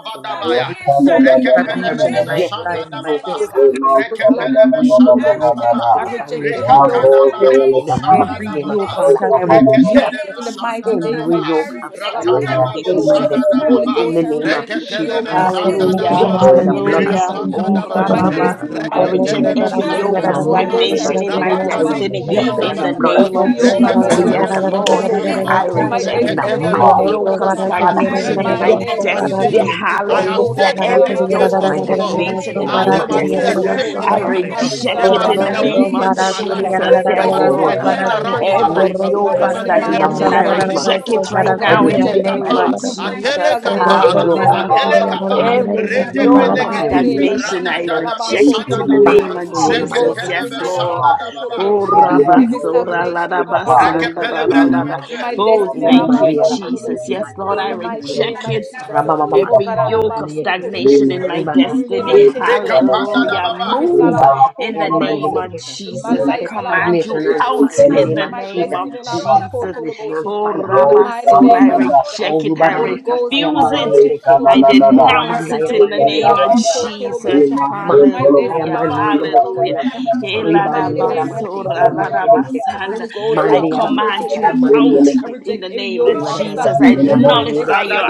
D: the
H: Yeah.
D: stagnation
L: Refocus
D: in
E: Father,
D: my
E: I
L: stagnation in my
E: reject
D: destiny
L: life,
E: every
L: in
D: in
L: my
D: the
E: yoke, oh
D: name
E: God
D: of
L: destiny.
E: Almighty,
D: Jesus.
E: every
D: I
E: yoke
D: reject
E: of the
D: every
L: Oh
E: stagnation
D: yoke
E: in
L: God,
E: my
L: I
D: of
E: destiny.
L: reject
E: In the
D: stagnation in
E: mighty
L: every
D: my
E: name of Jesus,
L: yoke of
E: Father, I
D: destiny
L: stagnation in
D: in
E: reject.
L: my
D: the name of
L: destiny. In the name
D: Jesus.
L: of
E: every
D: I
E: yoke
L: Jesus.
E: of
D: reject
L: And
K: We
E: stagnation
L: I
D: every
K: take
E: in
D: yoke
K: in
E: my
K: the
D: of
E: destiny.
K: destiny things of
E: In the
K: people.
E: name of
D: stagnation
E: Jesus,
D: in
M: Reketelebe
K: Every
D: my
E: Father, I
N: Corro,
M: shanda
N: para
M: da
K: spirit
F: Hallelujah,
N: sería,
E: reject
K: of
D: destiny
M: baba,
E: by the
D: in the
E: blood of
D: name of
F: hallelujah.
K: communication
E: Jesus
M: rekapanda
F: Oh,
M: da
D: Jesus.
K: in
E: every
K: my
M: babosha,
E: yoke of
D: I
F: Rababasa.
K: destiny
F: I
E: stagnation
K: things of
E: in my
F: reject
K: my
M: reketelebe
F: every
E: destiny.
D: I,
F: yoke
E: In
M: shanda
F: of
D: re-
M: da
E: the
K: Every
D: I,
E: mighty
M: baba,
K: spirit
E: name of
K: of
F: stagnation
E: Jesus,
D: re-
F: in my
D: I
E: Father,
L: reject
K: communication
E: I
M: rabada
K: in my
M: do
D: reject
F: destiny
K: destiny
E: reject
K: things
M: shanda
K: of
D: every
E: by
F: in
E: the
F: the
K: my
D: yoke
K: life.
E: blood
D: of
E: of
M: baba,
F: name of
E: Jesus every
F: Jesus.
I: you.
D: stagnation
F: Yes,
M: rekepelebe
E: yoke of
D: in my
F: Lord.
M: shanda
E: stagnation
M: da
E: in my
F: I
L: my
M: baba,
D: destiny
E: destiny.
L: life.
F: reject
E: In
D: in
E: the
D: the
L: I reject
M: reketelebe
F: every
D: name
E: mighty
D: of
L: every yoke
E: name of
L: of
M: shanda
F: yoke
M: da
F: of
E: Jesus,
D: Jesus.
M: baba.
E: Father, I
D: I
L: stagnation.
F: stagnation
M: Every
F: in
D: reject
L: I
F: my
M: yoke
E: reject,
M: of
E: I
D: every yoke of
F: destiny.
E: reject.
M: stagnation,
E: I
M: I have
E: reject
F: Hallelujah.
D: stagnation
M: stayed
E: every
D: in
M: in
E: yoke of
D: my
M: this
F: Every
M: place
F: yoke
E: stagnation in
F: of
M: for
E: my
D: destiny
M: too
D: in
M: long.
E: destiny
D: the
F: stagnation
D: name
E: in
F: in
E: the
D: of
M: Ah,
F: my
N: para
M: there must
E: Monday
M: be
E: and
D: Jesus.
E: I'm
M: a
E: a
F: destiny.
M: shift
D: I
E: Sunday,
M: in
F: I
D: reject
M: my
E: Father. I
D: every
M: life.
F: reject
E: reject
D: yoke
M: There
F: it
D: of
E: by
M: must
F: in
M: be
E: the
F: the
M: a
E: blood
L: reject
F: name
E: of
M: movement
F: of
M: in
E: Jesus
D: stagnation
M: my
L: every yoke
E: Christ
L: of,
M: life.
D: in
F: Jesus.
D: my
M: There
F: Yes,
E: every
M: must
L: oh
M: be
F: Lord.
M: a
D: destiny
E: yoke
L: God,
E: of
L: of
D: in the
M: turnaround
E: stagnation
M: in
D: name
M: my
E: in
L: stagnation
D: of
F: Every
E: my
M: life.
L: in my
F: yoke
M: There
L: life.
F: of
E: destiny
D: Jesus.
M: must
D: I
M: be
E: in
M: a
N: sería,
L: I
E: the
D: reject
F: stagnation,
L: reject
F: I
M: move.
E: mighty
L: every
E: name
D: every
E: of
M: Alima
F: reject
D: yoke
E: Jesus,
M: soya,
F: it
L: yoke
D: of
L: of
E: Father,
F: right
E: I
F: now
L: stagnation.
F: in the
M: Atele
E: reject
D: stagnation
E: by
F: name
E: the
M: kapa,
F: of
N: para
D: in
E: blood
N: sería,
D: my
E: of Jesus
F: Jesus.
M: atele
D: destiny
N: Orro
E: every
M: kapa,
N: pro
D: in
E: yoke
D: the
E: of
N: para
D: mighty
F: Hallelujah.
N: seria
E: stagnation
D: name of
N: ahora
E: in my
N: mira de
F: Every
E: destiny.
D: Jesus,
N: nuestro
D: oh
N: para
F: yoke
E: Father,
F: of
D: God,
E: I
D: I pray,
E: reject by
D: God,
F: stagnation,
E: the
D: that
F: I
D: you
E: blood of
D: break,
E: Jesus.
F: reject it in
D: mighty
F: the name
E: Master
D: God,
F: of
D: every
E: Kundunaman, the
D: yoke
F: Jesus.
D: of
F: Yes,
E: efficacious
F: Lord.
E: blood of
D: stagnation from
E: Jesus.
F: Oh,
D: out of
E: Every
D: my
E: yoke
D: life,
E: of
D: even
F: rabasora,
D: now,
E: stagnation.
F: la, da,
D: God,
E: Every
D: by your
E: yoke of
F: basanda,
D: fire
F: da,
D: and
F: da,
E: stagnation
F: la,
D: your
E: in my
D: power,
E: destiny.
D: in
F: Oh,
D: the
E: In the
D: name
F: thank
D: of
F: you,
E: Mandi
D: Jesus.
F: Jesus.
E: Alamastikaya
D: Every
F: Yes,
E: Mandi
F: Lord, I
D: yoke, mighty
E: Losundulu.
F: reject
D: God, that
F: it.
D: they have yoke of
E: Rabababa
F: Every
D: which, oh
E: Katara
F: yoke
D: God,
F: of
E: Mandi
D: we
E: Ekipe.
D: break,
F: stagnation in
D: burn,
F: my
D: and
E: Riba
F: destiny,
E: Kastaya
D: destroy it, mighty
E: Makitara
D: God, with your
F: hallelujah,
E: Makandai.
D: fire and your
F: move
E: Riba
D: power,
F: in
D: in
F: the
E: Kataya
D: the
E: Mandi
D: name
F: name of
E: Bekesa.
D: of Jesus.
E: We
F: Jesus. I
E: set
D: Every
F: command you
E: stagnation
D: spirit
E: and
D: of
F: out
E: fire in
I: Thank
E: the
F: in
E: name
F: the
E: of
D: stagnation,
F: name
E: Jesus.
F: of
D: every
E: We
D: yoke
E: set
D: of
F: Jesus.
E: stagnation on
D: stagnation,
F: Oh,
E: fire,
D: be
E: fire, fire,
F: Rabasora,
D: broken
F: I
E: fire.
D: from out of
E: Oh,
F: reject it,
D: my
F: I
D: life.
E: Rubaramakasaya
D: Be
F: refuse
E: mande
F: it.
D: broken from
E: yebekete.
D: out
F: I
D: of
E: Oh,
D: my
F: denounce
D: marriage,
F: it
E: Ramandaya
F: in the
E: mande
F: name of
D: broken
E: yebeketu
D: from out of
E: ramakata.
D: my
F: Jesus.
D: breakthrough, Be
E: Masakaya
F: Hallelujah.
E: mande
D: broken mighty
F: Hallelujah.
I: you.
D: God
E: yorobosanai.
D: from out of my
I: Thank
E: Ribandi
D: husband's
I: you.
D: life,
E: yaramasike
F: Eladabasora,
D: even now,
E: yamande
D: oh
E: beketo.
D: God,
F: ladabasanda.
D: every
F: I
E: Mande
D: yoke of
F: command
E: yaramasikaya
F: you
E: mande
F: out
D: stagnation,
E: yebekete.
F: in the
D: be
F: name of
D: broken from
F: Jesus. I
D: out
E: Ribadadasikaya
D: of my
E: mande
F: nullify
D: destiny.
F: your
E: yebeketu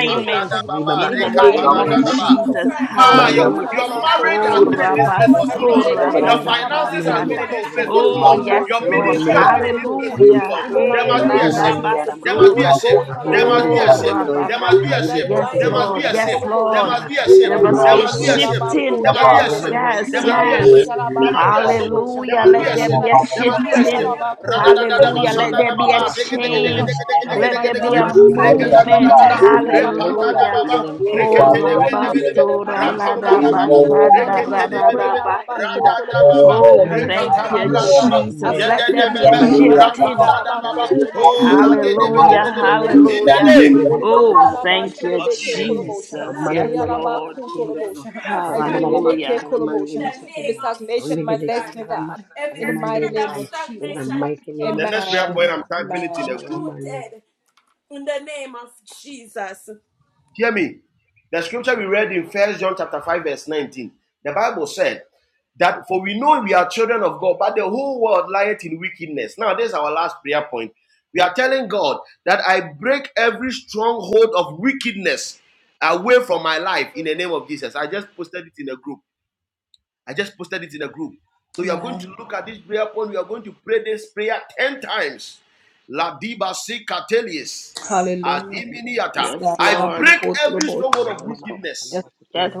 D: Right now, oh
F: in the
D: God,
E: Ribamakasaya
F: name
D: we
F: of
D: break
E: mandi
D: and
E: makuto.
F: Jesus.
D: destroy every
E: Mana
D: yoke
F: Hallelujah.
D: of
E: makuto makataya
F: Oh,
D: stagnation
E: mande
D: from
E: yekete.
D: out of our
F: rabasora,
D: lives
E: Rabadadasaka
D: by your
E: mande
F: ladabasanda.
D: fire and your
F: Oh,
E: yeketu
F: yes,
D: power
F: Lord.
D: in
E: Mani
D: the
E: mana
D: name of
E: makatana
F: Hallelujah.
D: Jesus.
E: basanta.
F: Hey,
D: We pull
E: Arribandi
D: out every yoke of
F: ladabasora.
E: yaramandai. Arribandi
D: stagnation.
F: Oh,
D: We
E: yaramondoi.
D: break and
F: rababa.
D: we
E: Arribeke
D: destroy
F: Yes,
D: them,
E: tubo
F: Lord.
D: mighty
F: Yes,
E: kusoto.
D: God, by
F: Lord.
D: your
E: Ina
D: fire
F: There
E: kasaya
D: and your
F: must be
E: maki
F: a
D: power.
E: tubo
D: We
E: kusoto.
F: shifting.
D: uproot
F: Yes,
D: every
E: Yamanana
D: spirit
F: yes,
D: of
E: nasando
F: yes.
E: yamani
D: stagnation
E: meketana
D: and we
E: basando.
F: Hallelujah.
D: destroy
F: Let there
D: it
E: Mani
F: be
D: with
F: a
D: your
E: meketuna
D: fire
E: bakatana
D: and
F: shifting.
D: your
E: nakato.
D: blood in the
F: Hallelujah. Let
E: Ibelele
D: mighty
F: there
D: name
F: be
E: kutuna
F: a
D: of
E: basekaya nana
D: Jesus.
F: change.
D: Let
E: nakandai.
F: Let
D: me
F: there
D: go
F: be a
D: and
E: Masiko yamani
D: stagnation
F: movement.
D: be
E: kutuna
D: plucked up
E: basekaya nana.
D: from out of
F: Hallelujah.
D: our
E: Ibelele
F: Ho
D: foundation
E: kasundu
D: even now
E: namakandai.
D: by
F: rabasora
D: your
F: la
I: Thank
F: da
E: Masikaya
D: fire
E: mani
D: and your
F: basanda
E: mokutuna
D: power.
F: ra
E: basekaya.
F: ra ra
D: And
F: bahida. Oh,
E: Manana
D: break
F: thank
E: kataba
D: and
F: you,
E: kutoda
D: destroy
E: mosi
D: the
F: Jesus.
D: yoke
E: minene.
F: Let
D: of
F: there be a
E: Ribanana
D: stagnation
E: la
D: from
F: shifting.
E: katara
D: out of our
E: basanai.
D: life
E: Master
D: even now.
E: kundona
F: Hallelujah,
E: masi
D: We have
E: minene.
D: been
F: hallelujah.
D: broke for
E: Ameme
D: too
E: ketura
F: Oh,
D: long.
E: moko
D: We
F: thank
D: have
E: tundona
F: you,
D: been friends for
E: manene.
D: too
F: Jesus.
D: long.
F: Yes,
E: Amanana na
D: We
E: katara
F: Lord.
E: na
D: uproot the
E: kiendono.
D: spirit of
E: Ramababa
D: stagnation
F: Hallelujah.
E: katara
D: in the
E: mandino
D: name
E: kutodomo.
D: of
E: Ribele
D: Jesus.
E: kitara mas
D: Every
E: kaya mani
D: spirit of
E: andai. In the
D: stagnation be
E: mighty name of
D: broken,
E: Jesus.
D: be
E: Bakasaya mani.
D: uprooted in the name of Jesus,
F: Yes, Lord.
E: I
F: So, yes,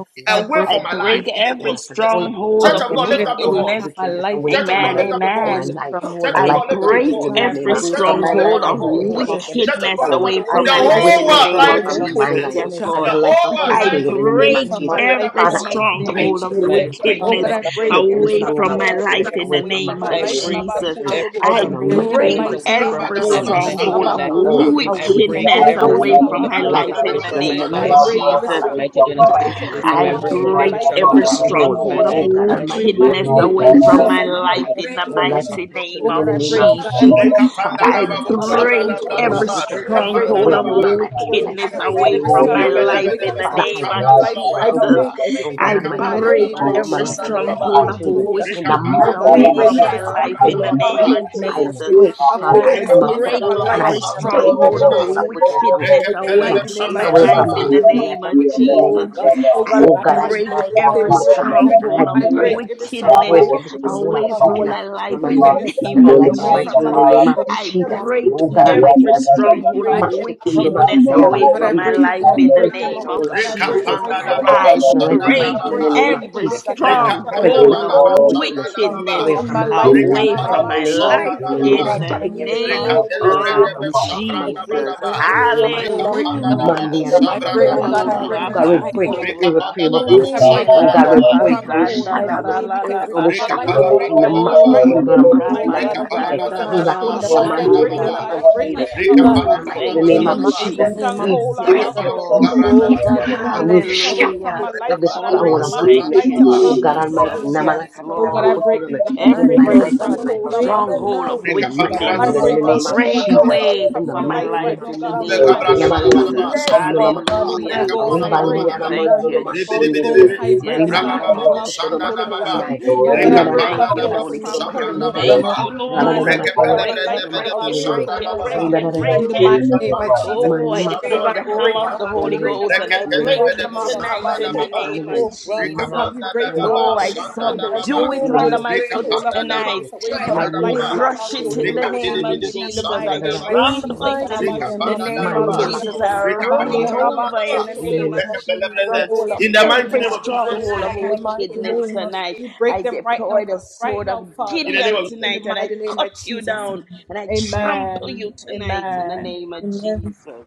F: I break every stronghold of
E: break every stronghold of
F: wickedness.
E: wickedness away from
F: Amen,
L: Lord,
E: my
L: I beat
E: from my
F: amen.
L: every
E: life and
L: stronghold
E: the
L: of
F: I
E: life of my
L: wickedness
F: break
E: children in the name
F: every
E: of
L: away from
E: Jesus.
L: my life
F: stronghold of
L: in
E: I
L: the name of
E: break every
L: Jesus.
F: wickedness
E: stronghold
F: away
L: I
F: from my
E: of
L: break
F: life in
L: every
F: the
E: wickedness
F: name
E: away
F: of
L: stronghold of
E: from my
F: Jesus.
E: life
F: Yes,
L: wickedness
E: and
F: Lord.
E: the life of my
L: from my
F: I
E: children
L: life
E: in the name
L: in the
E: of
F: break
L: name of
E: Jesus.
F: every
L: Jesus.
E: Father, I
L: I
E: break,
F: stronghold of
L: break
E: I
K: My life
L: every
E: break,
K: and
F: wickedness
K: my
E: I
L: stronghold of
K: children of
E: break every
L: wickedness
K: children.
F: away
L: from
E: stronghold
F: from
L: my
E: of
F: my
D: every
L: life
F: life
E: wickedness
D: strong
L: in
F: in
L: the
F: the
E: away
L: mighty
E: from my
F: name
L: name
E: life
L: of
K: I
F: of
E: and the
D: wickedness
E: life
K: break
E: of my
L: Jesus.
F: Jesus.
D: away
E: children.
K: every
L: I
D: from
E: In
F: I
E: the
K: stronghold
D: my
L: break
K: of
D: life.
E: mighty name
K: wickedness
F: break
E: of
L: every
E: Jesus,
K: away
E: Father,
K: from
F: every
K: my
E: I
K: life
L: stronghold
K: and
L: of
K: my
E: break
F: stronghold
E: every
K: children's
F: of
K: life
L: wickedness
K: in
E: stronghold
K: Jesus' name.
E: of
K: I
L: away
E: wickedness
L: from
K: break
L: my
E: away
F: wickedness
D: I
E: from
K: every
E: my
L: life,
E: life
D: break
F: away
K: stronghold
F: from
K: of
F: my
E: in
D: every
E: the life
F: life
K: wickedness
E: of my
L: children's
K: away
F: in the
K: from
E: children
L: life,
E: in
K: my
E: the
F: name
L: away
F: of
D: hold
K: life.
E: name of Jesus.
L: from my
F: Jesus.
E: Father God, I
K: Mighty God,
L: my
K: in
E: break
K: Jesus' name,
E: Monday
F: I
K: I
L: husband's
E: and
K: break
L: life
D: away
L: in
K: out
D: from
L: the
F: break
K: every
L: mighty name
E: every
K: stronghold
F: every
L: of
K: of
D: my
K: wickedness
E: stronghold.
K: in
L: Jesus.
K: my
F: stronghold of
E: Oh
K: life.
E: God
L: I
K: Mighty
L: break
E: Almighty,
K: God,
E: of
L: every
F: wickedness
K: in Jesus'
F: away
E: wickedness
L: strong
K: name.
L: wall
F: from
E: away
L: of
F: my
D: life.
E: from my
F: life
E: life.
L: wickedness
F: in the
L: from
D: Break
E: In the
D: every
E: life of
F: mighty
E: my
D: yoke
F: name
E: children,
F: of
E: in the name of
L: my
D: of
L: sisters. I
F: Jesus.
E: Jesus,
D: stronghold
E: Father,
L: Break
F: I
E: I
L: every
D: of
L: strong wall
E: break
F: break
E: every stronghold
L: of
E: of
F: every
L: wickedness
E: wickedness
L: from
D: away
L: my
D: from
L: health,
F: stronghold
D: my
E: away
F: of
L: life,
E: from my
D: life.
E: life and the
L: and my
E: life
D: I
F: wickedness
E: of
L: children.
E: my
D: break
F: away
E: children. In the
L: In
F: from
L: the
E: name
D: every
F: my
E: of
L: mighty
F: life
E: Jesus,
F: in
D: stronghold
F: the
L: name
D: of
L: of
E: Father, I
F: name of
L: Jesus.
E: break every
D: wickedness
L: I
F: Jesus.
E: stronghold.
L: break every
E: Oh
D: away
E: God
F: I
L: strong
D: from
L: wall
D: my
E: Almighty, of
L: from
E: wickedness
F: break
D: life.
L: my
E: away
L: marriage
E: from my
L: in
F: every
D: In
L: the
E: life
D: the
E: and the
L: name
E: life
L: of
D: mighty
E: of my
F: stronghold
D: name
F: of
D: of
E: children.
L: Jesus.
E: In the
D: Jesus,
F: wickedness
L: I
E: mighty
D: I
L: break
F: away
E: name of
F: from
L: every
E: Jesus,
D: break
F: my
L: strong
E: Father,
F: life
D: every
E: I
F: in
L: wall of
F: the
D: yoke of
F: name
E: break,
F: of
L: wickedness
E: I
F: Jesus.
D: stronghold
L: against
D: of
E: break a
L: my
E: card
L: life.
E: for
F: I
E: the arm
D: wickedness
E: of
I: you.
E: God,
F: break
L: Oh
D: from
E: and
L: God,
E: I
F: every
L: in
D: out
L: the
D: of
E: break
L: mighty
D: my
E: every
F: stronghold
L: name
F: of
L: of
E: stronghold
D: life.
E: of
L: Jesus.
E: wickedness.
D: I
F: wickedness
L: I
D: break
E: Mighty
L: break
F: away
E: God,
L: every
D: every
F: from
L: strong
F: my
E: away
L: wall of
F: life
E: from my
F: in
D: stronghold
F: the
E: life
D: of
E: and the
F: name
E: life of
L: wickedness.
F: of
E: my children in the
D: wickedness
E: name
L: Oh
F: Jesus.
E: of
L: God,
E: Jesus.
D: out
F: I
D: of
E: Oh God,
D: my
E: I
L: family,
F: break
E: call
L: Lord
D: life.
E: forth the
F: every
E: arm
L: God, in
E: of
D: I
E: God
L: the name of
D: break
L: Jesus.
E: and I
F: stronghold of
E: break,
L: I
E: I
F: wickedness
E: break
L: break
E: every
L: every
E: stronghold of
F: away from
L: stronghold
E: wickedness
D: out
L: of
F: my
D: of my
E: from
F: life
E: my
F: in the
D: life.
E: life
L: wickedness
F: *laughs* name
E: and the
D: In the
F: of
E: life
L: in
E: of
L: my
E: my
D: mighty
E: children
F: Jesus.
L: life.
E: in
D: name
E: the
D: of
E: name of
L: In the
F: I
D: Jesus,
L: name
E: Jesus.
D: I
L: of
F: break
E: Oh God
L: Jesus,
D: break my
E: Almighty,
F: every
E: I
L: I
E: break
F: stronghold of
L: break every
D: of
E: Masekundo
L: stronghold of
F: wickedness
E: Makataya
F: away
D: stronghold.
L: wickedness.
E: Bakaya
F: from
E: and
F: my
E: I
F: life
E: I
L: Lord.
F: in the
E: break
D: I'm out
E: every
F: name of
E: stronghold
D: of
E: of
D: our
E: wickedness
D: lives.
E: away
F: Jesus.
E: from my
D: We break
E: life
F: I
L: In
E: and the
D: every
E: life of my
F: break
E: children
L: the name of Jesus,
E: in
D: yoke
E: the name of
F: every
D: of
E: Jesus. God, I
D: stronghold
L: I
E: break
D: and
E: every
F: stronghold
L: break
F: of
E: stronghold of
L: every
E: wickedness
F: wickedness
L: stronghold
E: away
L: of
D: out
E: from
D: of
E: my
D: our
E: life and the life
F: away
E: of my
D: lives.
L: wickedness.
F: from
E: children
F: my
E: in the name of
L: Oh,
F: life
E: Jesus.
D: We
E: I
L: God,
F: in
D: break
F: the
D: every
E: break every
L: in
E: stronghold.
F: name
D: stronghold
L: the
E: Oh
D: of
E: God,
F: of
E: my
L: name of Jesus,
E: weakness from my
L: I
E: life,
D: sickness
L: break
F: Jesus.
E: remember my
D: out
E: children
L: every
E: in the
D: of
E: name
D: our
E: of
L: stronghold
E: Jesus.
L: of
D: lives.
L: wickedness.
F: Hallelujah.
D: In
E: Monday and a
D: the
E: maka
D: name
E: to the
L: Oh,
E: back.
F: Oh,
L: God, over
D: of
E: God, we
D: Jesus,
F: Rabba
L: my
D: we
E: break
L: life.
E: it
D: break
E: to
D: and
F: Sora.
L: In
E: irreparable
L: the
D: destroy
E: pieces.
L: name of
F: He
D: every
E: Oh
F: la
E: God, we
D: yoke
F: Rabba
L: Jesus,
D: of
E: break and we
F: Sanda
L: I
F: ra
E: shatter, we
L: break
F: la
E: scatter
L: every
E: and
F: Rabba
E: we shatter.
L: stronghold of
D: stronghold
E: In the
L: wickedness.
D: of
E: master
F: Oh,
E: kundura
L: Oh
E: makanda
F: rabasanda,
E: ya
L: God, against
E: makere,
F: Sanda
L: my
F: ra
D: destroy
L: mind,
D: it
E: riba
F: ra
L: in the
F: Rabba
E: kataya
L: mighty
E: mandi
L: name
F: Handa
L: of
E: yebeke to the
F: Rabba
D: by
E: wasende.
D: fire and
E: Oh
L: Jesus,
E: God,
F: Oh,
E: Almighty, in the
F: thank
L: in
E: name
I: Thank
L: the
F: you,
E: of
I: you.
L: mighty
E: Jesus,
L: name of
E: we
F: Jesus. Yes,
E: break,
L: Jesus.
E: we
F: Lord.
L: Oh God,
E: scatter,
L: every
E: and we
L: strong of
E: shatter
F: Hallelujah.
L: wickedness.
E: every stronghold
F: Oh,
E: of
L: Oh God,
F: thank
E: wickedness.
F: you,
L: upon my mind,
E: Oh
L: upon
E: God
L: my,
E: Almighty,
D: strong
F: Jesus.
L: family,
F: Yes,
E: namanaka to the
L: upon
E: back,
L: my
D: of
F: Lord.
E: to the-
L: life,
E: in my
L: Lord
E: life
F: Every
E: and the
L: God. We
E: life of
D: uprooting
E: my
L: break
E: family
L: them
F: stronghold
L: now
F: of
E: in the mi-
L: in
E: my
L: the
E: children,
F: wickedness,
E: in
L: name
E: the
L: of
E: name of
F: break
L: Jesus.
E: Jesus,
F: away
E: in the
F: from
L: We
F: my
E: mighty
L: break
E: name
L: every
F: life
E: of
F: in the
E: Jesus.
F: name
L: stronghold of
F: of Jesus.
L: wickedness, oh God,
E: Yamanolawakasundolamakata,
L: in my
F: Hallelujah.
L: house
F: Oh,
L: in
F: thank
L: the name
F: you,
L: of
E: ribandiyanamandolomasiyendedede,
F: Jesus. Yes,
L: Jesus. In the
F: Lord.
L: name of Jesus,
E: ribakatamakotolomasakandai,
L: we break
F: Oh,
L: the
D: with
F: thank you,
D: children.
L: stronghold of
F: Holy Spirit.
L: wickedness,
E: ribadadadakibakotolomasindedede,
L: uh,
F: Thank you, Lord.
L: mighty God,
F: Break
L: uh,
F: it,
D: We
F: break it,
L: away
F: break
E: radadadadakayerakatoromasiendedede,
L: from
F: it,
L: my
F: break it,
L: finances
D: destroy
F: break
L: in
D: them.
L: the
F: it.
L: name
E: ribadadadadosindedede,
L: of
F: Oh,
D: We
F: I
L: Jesus.
D: break
F: deploy the
D: every
F: hammer
L: Oh
F: of
L: God,
F: the
L: I
D: stronghold
F: Holy
D: of
L: break
E: manumakatalamakotolomasiyendedede,
F: Ghost
L: every
F: and I
D: wickedness
F: break it
L: stronghold
D: out of
F: tonight
L: of
D: our
F: in the
D: life in
F: name
D: the
F: of
E: ribadadakatayamakotolomokindedede,
L: Oh
D: name of
L: God, we
F: Jesus.
L: give you the
D: Jesus.
F: Oh, I
D: We
L: glory
D: pull
L: in
D: them
E: imamakasayamakotolomasandai,
L: the
D: down.
F: subdue it
L: name
D: We
L: of
F: under my
D: break
F: foot
L: Jesus,
D: them. We
E: ribadadakatoromasindedede,
F: tonight.
L: in
D: destroy
L: the
D: them
F: I
D: with the
E: Mania
L: name of
D: Holy
F: crush
D: Ghost
F: it
L: Jesus,
E: maskundina
F: in the
D: fire
F: name of
E: maskundini
D: in the
F: Jesus.
D: mighty
F: I
D: name
E: nivedala la
D: of
L: in the
E: katala
F: trample it
L: mighty
D: Jesus.
F: in
E: makutundo
L: name
D: We
F: the
L: of
F: name
D: set
F: of
E: mania
D: Holy
L: Jesus,
F: Jesus. I
D: Ghost
E: makotuba
F: run
D: fire
L: in
E: katala
F: it
L: the
D: upon
L: name
E: makata
F: over
L: of
F: in the
D: every
E: nimene
F: name
L: the
F: of
D: stronghold of
F: Jesus
L: stronghold of
D: wickedness
F: every
L: wickedness is
D: in our
F: stronghold
L: broken,
F: of
L: in
D: life
L: the
D: in
L: mighty
D: the
F: wickedness
L: name of
D: mighty
F: tonight.
D: name of
F: I
D: Jesus.
F: deploy the sword of Gideon tonight and I cut you down and I
L: Jesus,
F: trample you tonight in the name of
L: amen,
F: Jesus.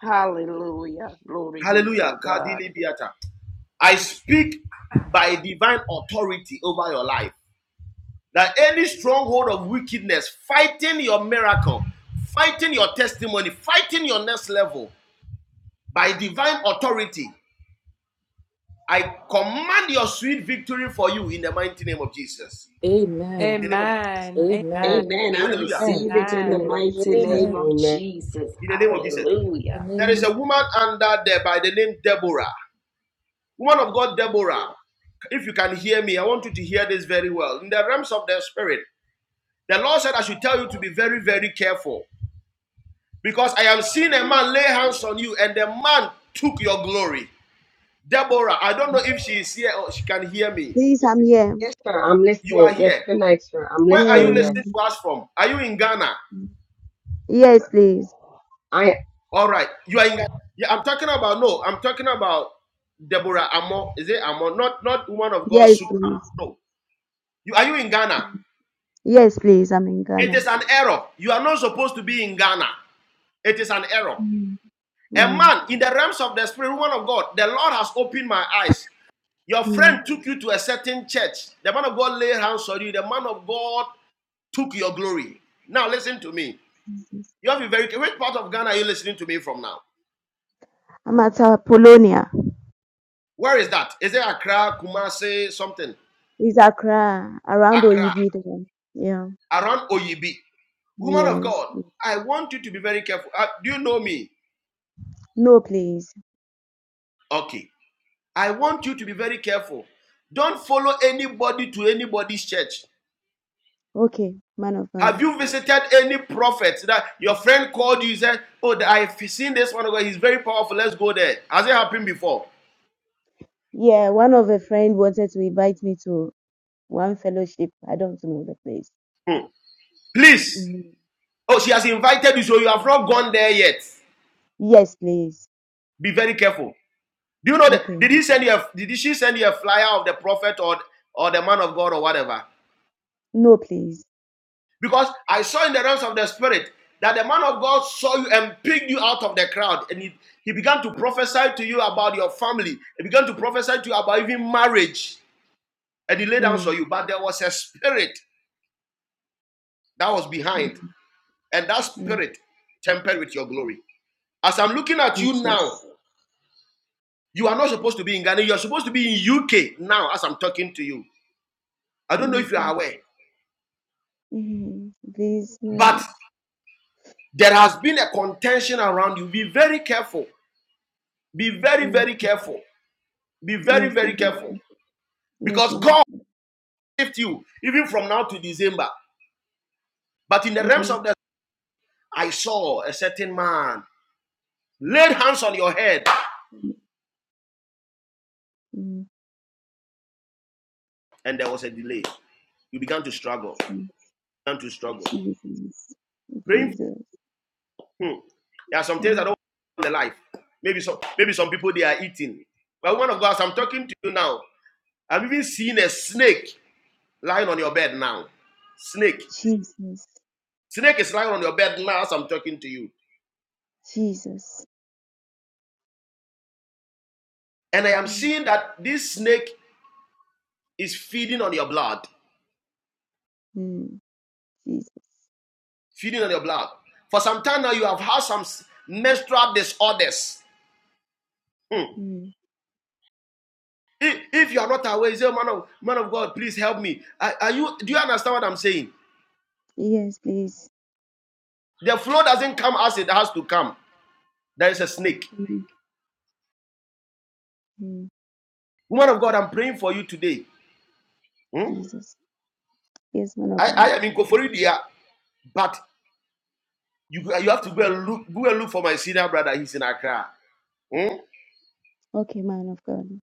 F: Hallelujah. Glory be to God.
L: amen, amen,
F: Amen. I
L: amen,
F: receive it in the
E: in the name of
F: mighty
E: Jesus
F: name
L: amen, in
F: of
E: amen
F: Jesus.
L: the
F: Hallelujah.
L: name of
O: Please, I'm here.
E: yes sir I'm listening yes good night sir I'm
O: Yeah.
E: listening yes
O: Yes, please.
E: I
O: Yes, please. Yes, please. I'm in Ghana. Mm. Mm. Mm. I'm at uh, Polonia. It's Accra, around Oibi there. Yeah. Yes. No, please. Okay, man of God. Yeah, one of a friend wanted to invite me to one fellowship. I don't know the place. Mm. Yes, please. Okay. No, please. Mm. Mm. Mm. Jesus. Mhm. These no. yeah, yes, man of God. Yes, man of God. Amen. Mm. Jesus, Jesus, Mm. Jesus, Jesus, Mm. Mm. Jesus. Mm. Yes, please. Mm. Mm. Jesus. Yes, man of God. Okay, man of God.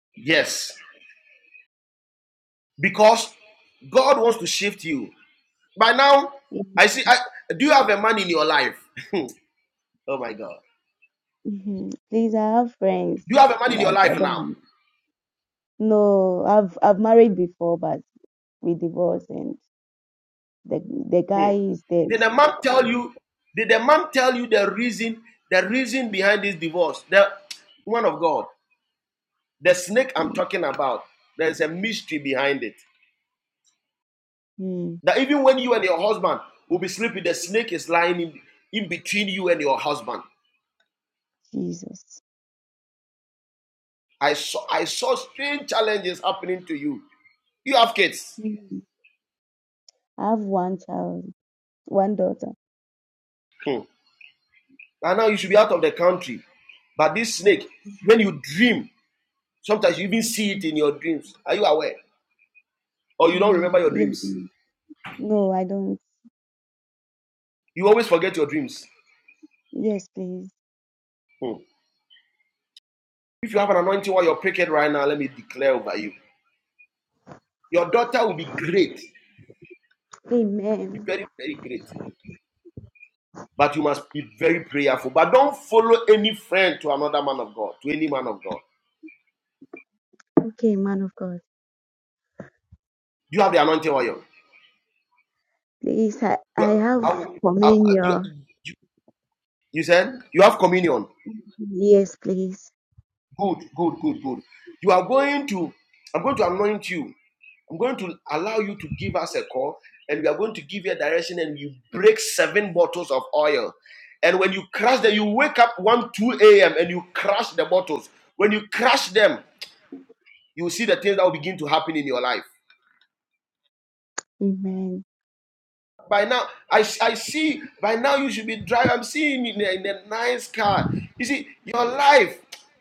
O: Mm-hmm. Please, I have friends, but I don't. No, I've I've married before, but we divorced The the guy is dead. Mm, mm, Jesus. Mm. I have one child, one daughter. Mm, yes. Mm. No, I don't. Yes, please. Amen. Okay, man of God. Please, I, I have communion. Yes, please. Amen.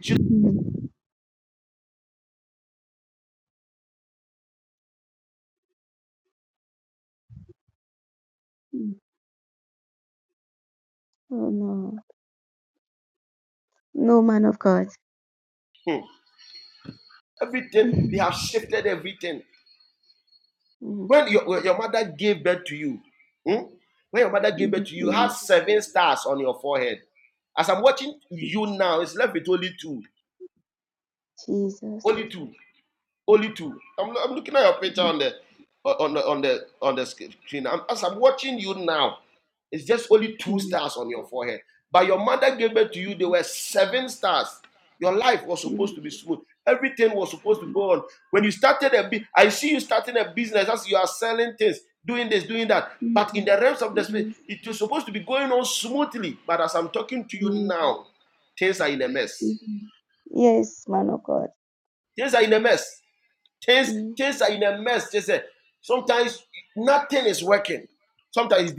O: Mm, mm. Oh no. No, man of God. Mm, mm, mm, mm. Jesus. Mm, mm, mm. Jesus. Mm, Yes, mm, mm. Yes, man of God. Mm,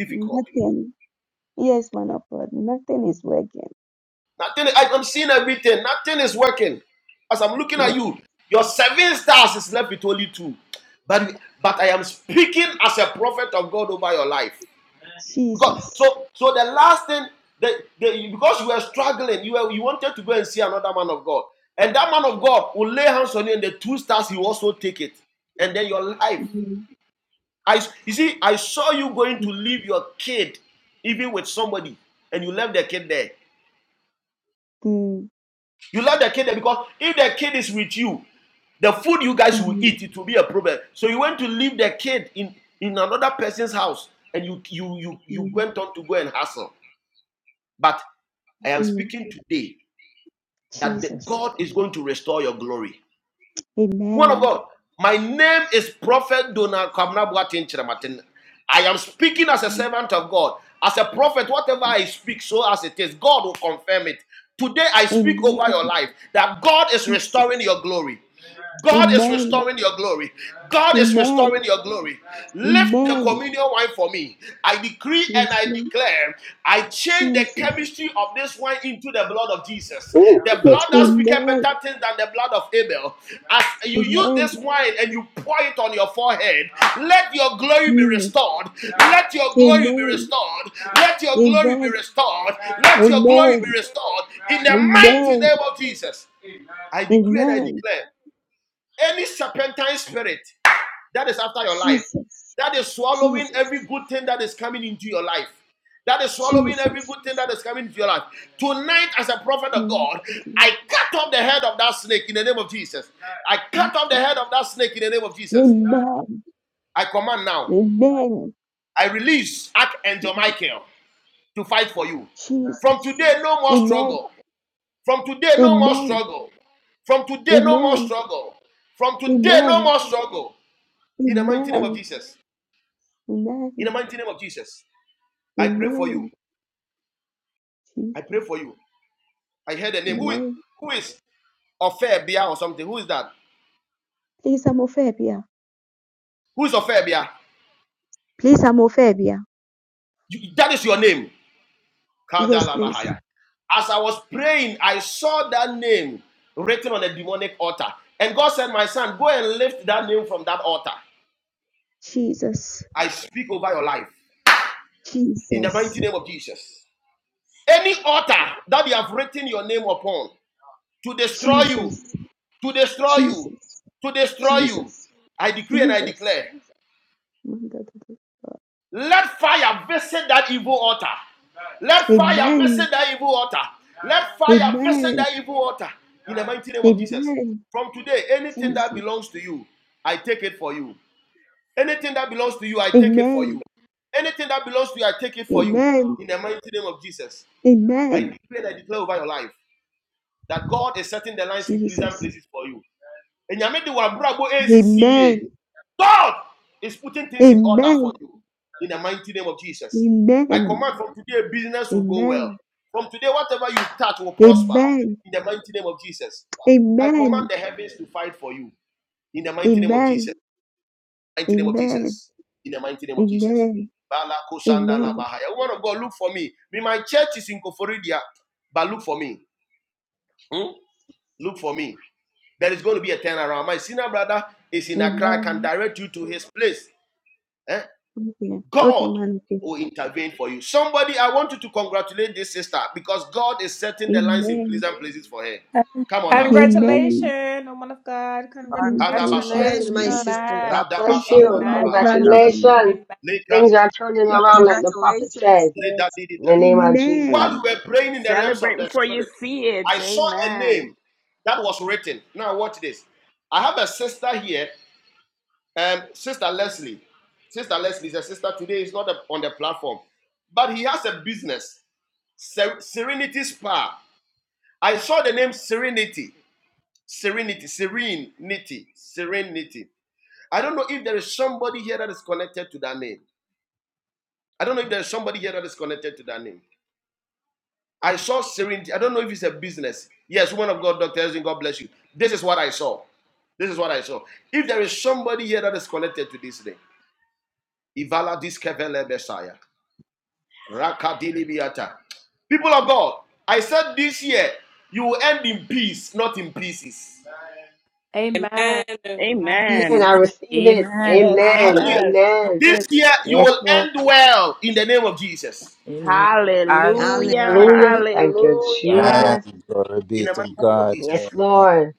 O: Nothing. Yes, man of God. Nothing is working. Yeah. Jesus. Mm, mm, mm, mm, mm, mm. Jesus. Amen. Mm. Amen. Jesus. Amen. Amen. Amen. Yes, Lord. Jesus.
I: Oh,
O: Amen. Amen. Mm. Amen. Amen. Amen. Amen. Amen. Jesus. Jesus. Jesus. Mark dear, Jesus. Amen. Amen. Jesus. Jesus. Amen. Amen. Amen. Amen. Amen. Amen. Amen. Jesus. Amen. Please, Amophobia. Please, Amophobia. Yes, please. Jesus. Jesus. Jesus. Jesus. Jesus. Jesus. My God. Amen. Amen. Amen. Jesus. Amen. Amen. Amen. Jesus. Amen. Amen. Amen. Amen. Amen. Amen. Amen. Amen. Amen. Amen. Amen. Okay. Okay, man. Amen. Amen. Thank you so
L: Congratulations.
E: And my
O: much.
E: sister, God
O: Thank
E: bless
O: you so
E: you
O: much, man of God.
E: congratulations things are turning
O: Thank
E: around
O: you.
E: like the prophet says in the name of
O: Amen.
E: Jesus
F: Celebrate before you see it. Amen.
D: Amen.
E: bless and I
F: Amen.
E: receive it
L: Amen.
F: Yes,
E: amen
F: yes.
E: amen yes Lord
L: Amen.
E: me.
F: Hallelujah.
L: Hallelujah. Thank
E: Hallelujah. Thank you,
L: you,
G: Man,
F: Hallelujah.
E: Jesus.
G: glory be to God.
E: Yes,
G: Amen.
E: Lord.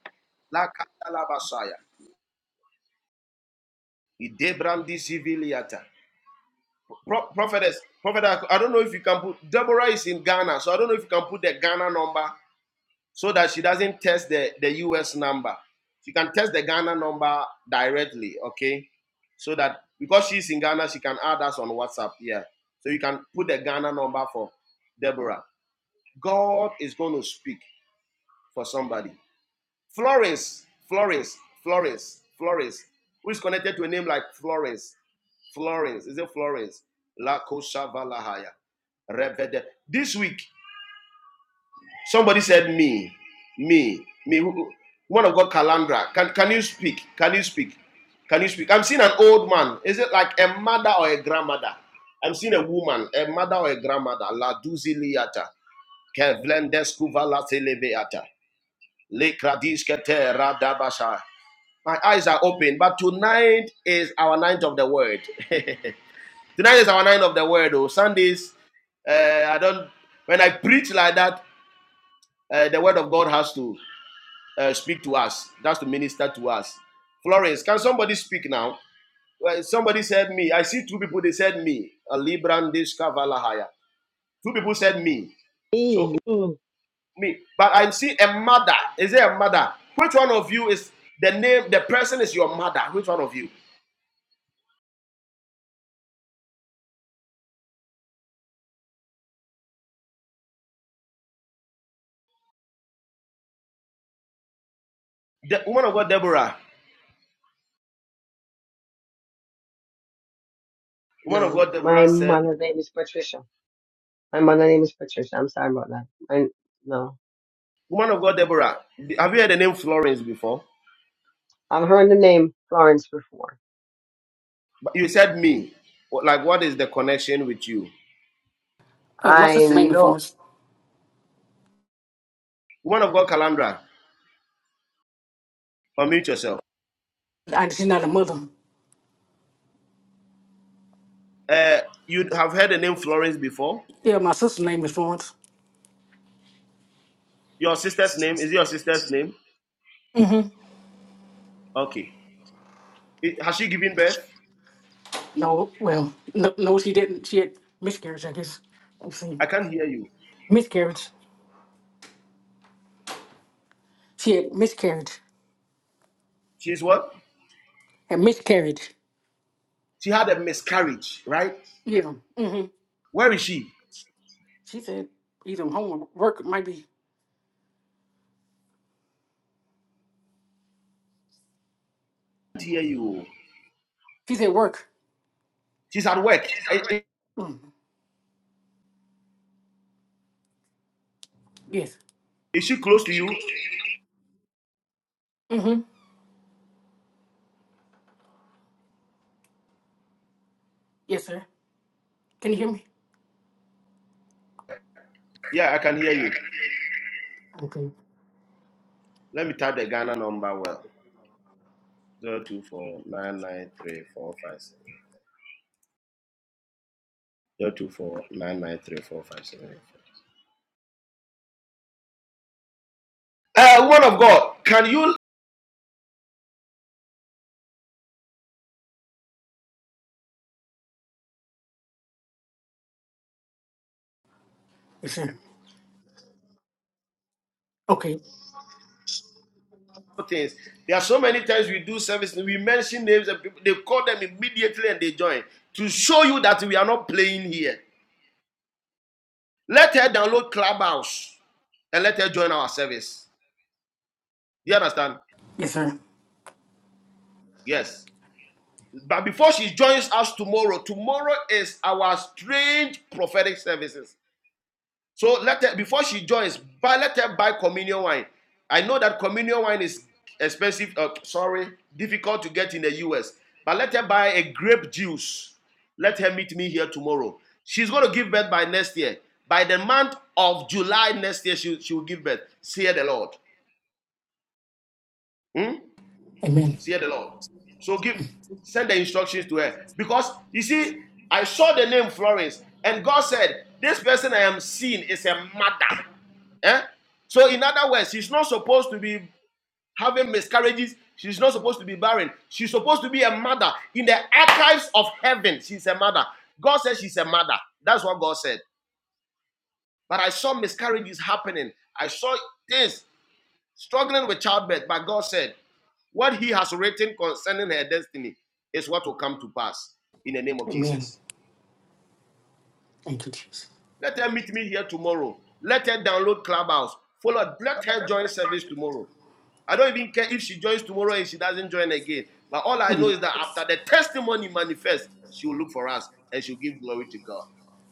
E: mm mm. No, my mother's name is Patricia. My mother's name is Patricia. I'm sorry about that. I, no, I've heard the name Florence before.
P: Uh, my
E: I
P: sister's name is
E: know.
P: Florence. I, she's not a mother. Yeah, my sister's name is Florence. No, well, no, no, she didn't. She had miscarriage, I guess. Let's see. Miscarriage. She had miscarriage. And miscarriage. Yeah. Mm-hmm. She said either home or work might be. She said work. Yes. Mm-hmm. Yes, sir. Can you hear me? Okay. Yes, sir. Okay. Yes, sir. Amen. Amen. Thank you, Jesus.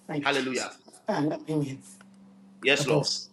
P: Thank you, Jesus. Uh, amen. God bless.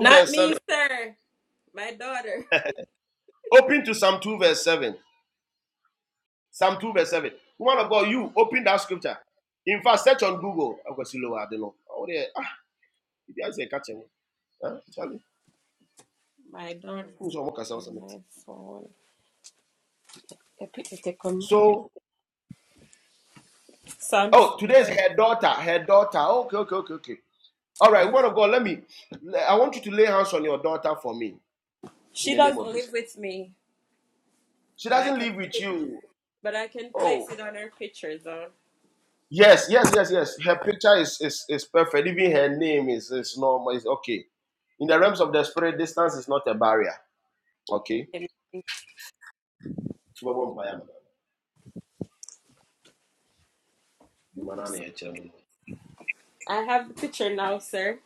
D: Not me, sir. My daughter. My daughter. In my phone. I picked the second Psalms. She doesn't live with me, but I can put it, but I can place it on her picture though. Amen. I have the picture now, sir.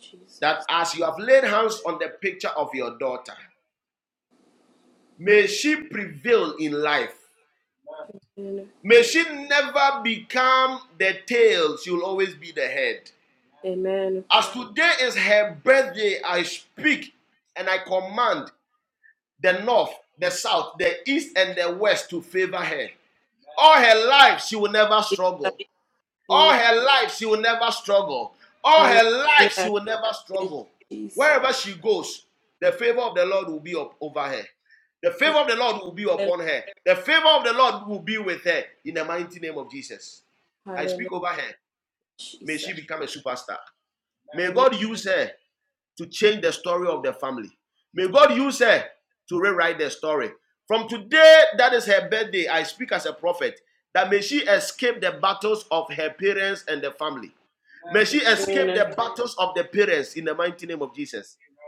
D: Jesus. Amen. Amen. Jesus. Amen. Hallelujah. Thank you, Jesus. Hallelujah. Hallelujah. Jesus. Amen. Amen.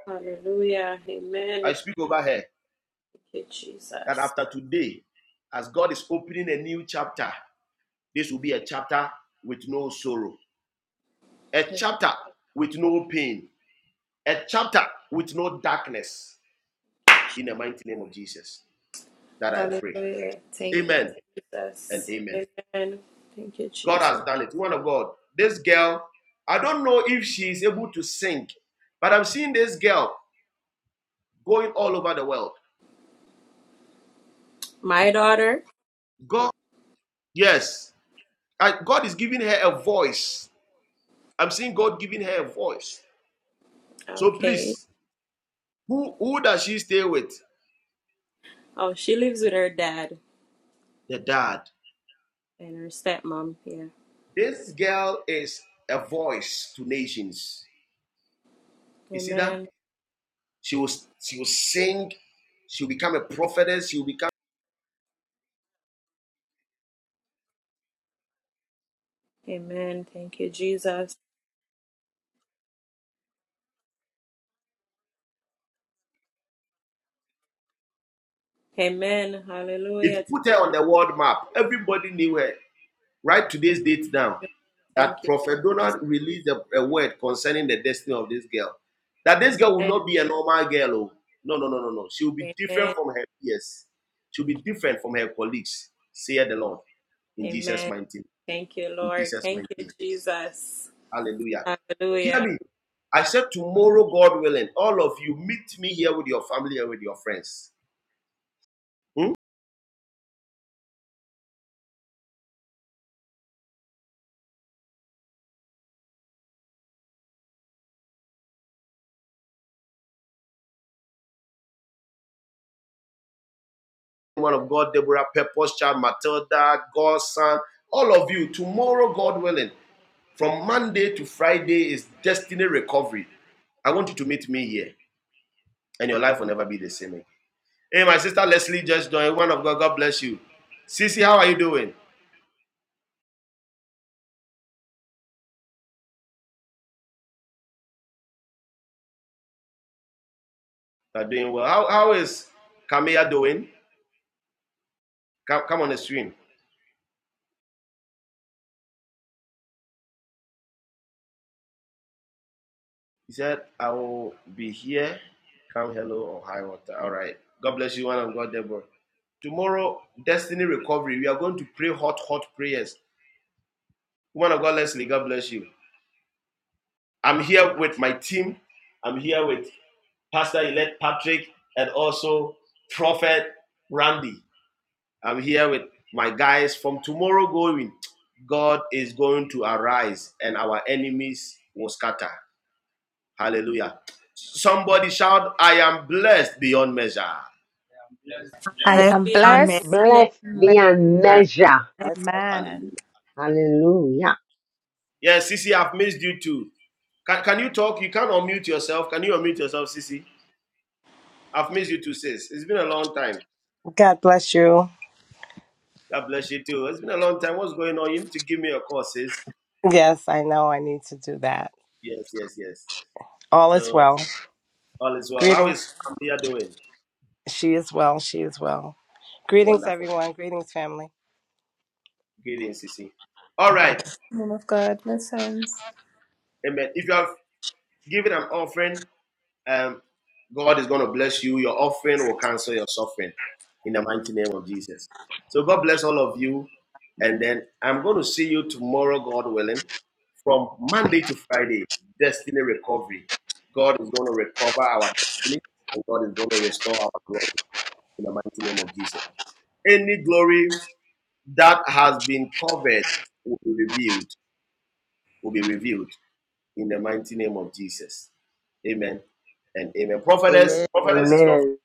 D: Hallelujah. Amen. Thank you, Jesus. Amen. Hallelujah. Thank you, Jesus. Amen. Thank you, Jesus. My daughter. Okay. Oh, she lives with her dad and her stepmom. Yeah. Amen. Amen. Thank you, Jesus. Amen. Hallelujah. Thank you, Jesus. Amen. Amen. Thank you. Amen. Thank you, Lord. Thank you, Jesus. Hallelujah. Beyond
Q: left
D: measure.
E: Blessed beyond
L: Father.
E: measure. Hallelujah.
R: God bless you. Yes, I know I need to do that. All is well. Greetings. She is well. She is well. Greetings, everyone. Greetings, family. *laughs*
E: Amen. Amen.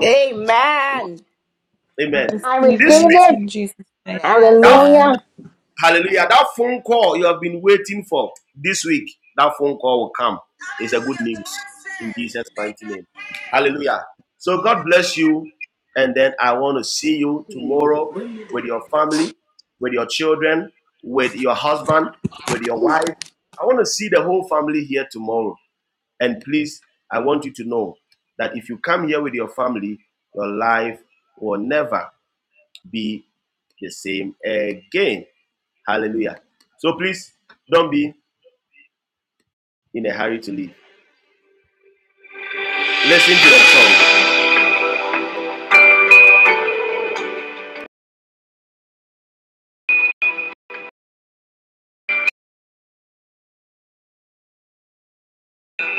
F: Amen.
E: I receive it.
F: Yes.
E: Hallelujah.
F: Hallelujah. The Lord says that your hands."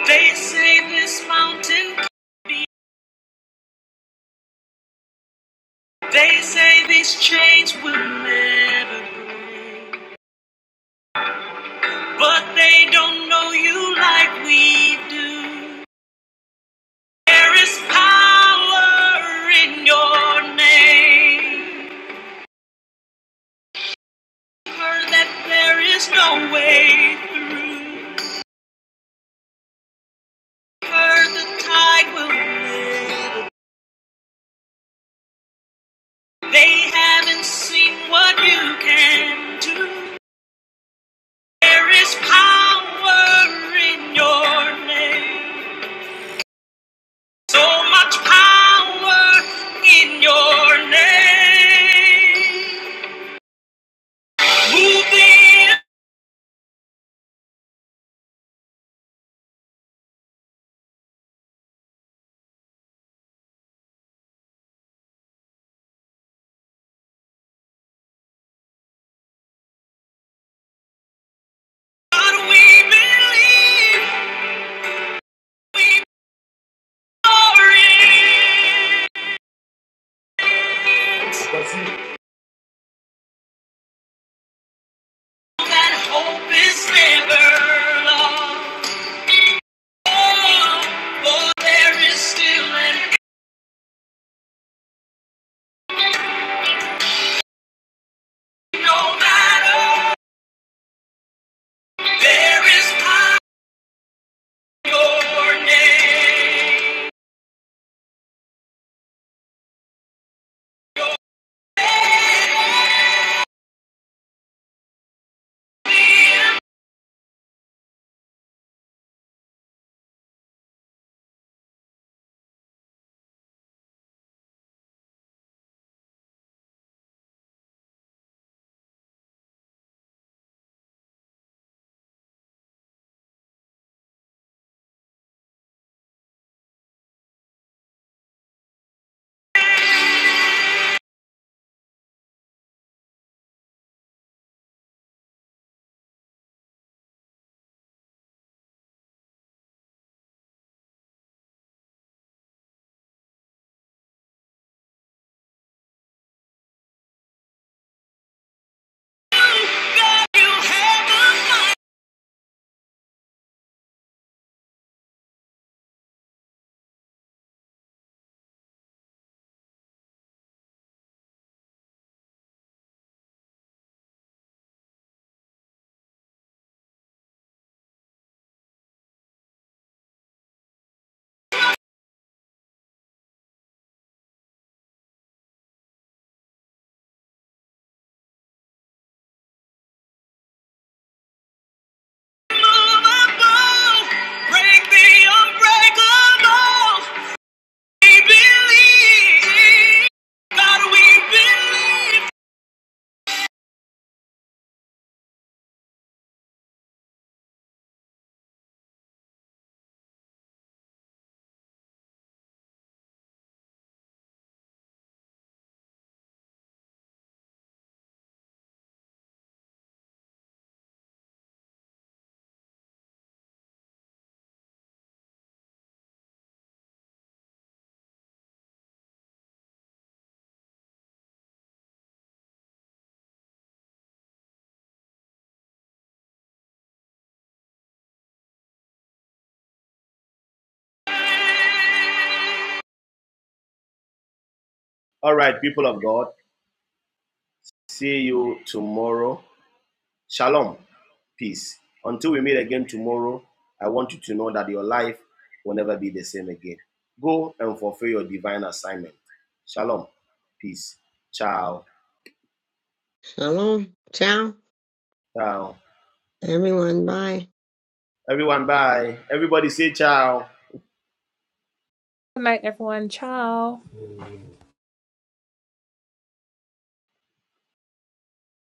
S: They say this mountain could be, they say these chains will never break. But they don't know you like we do. There is power in your name. Heard that there is no way through. Heard the tide will never. They haven't seen what you can do. There is power in your name. So much power in your name. Move the we believe we are it. That hope is never lost. Oh, for there is still an no matter. There is in your name. You have the unmovable. Break the unbreakable. We believe. God, we believe.
E: Shalom. Ciao. Everyone. Bye.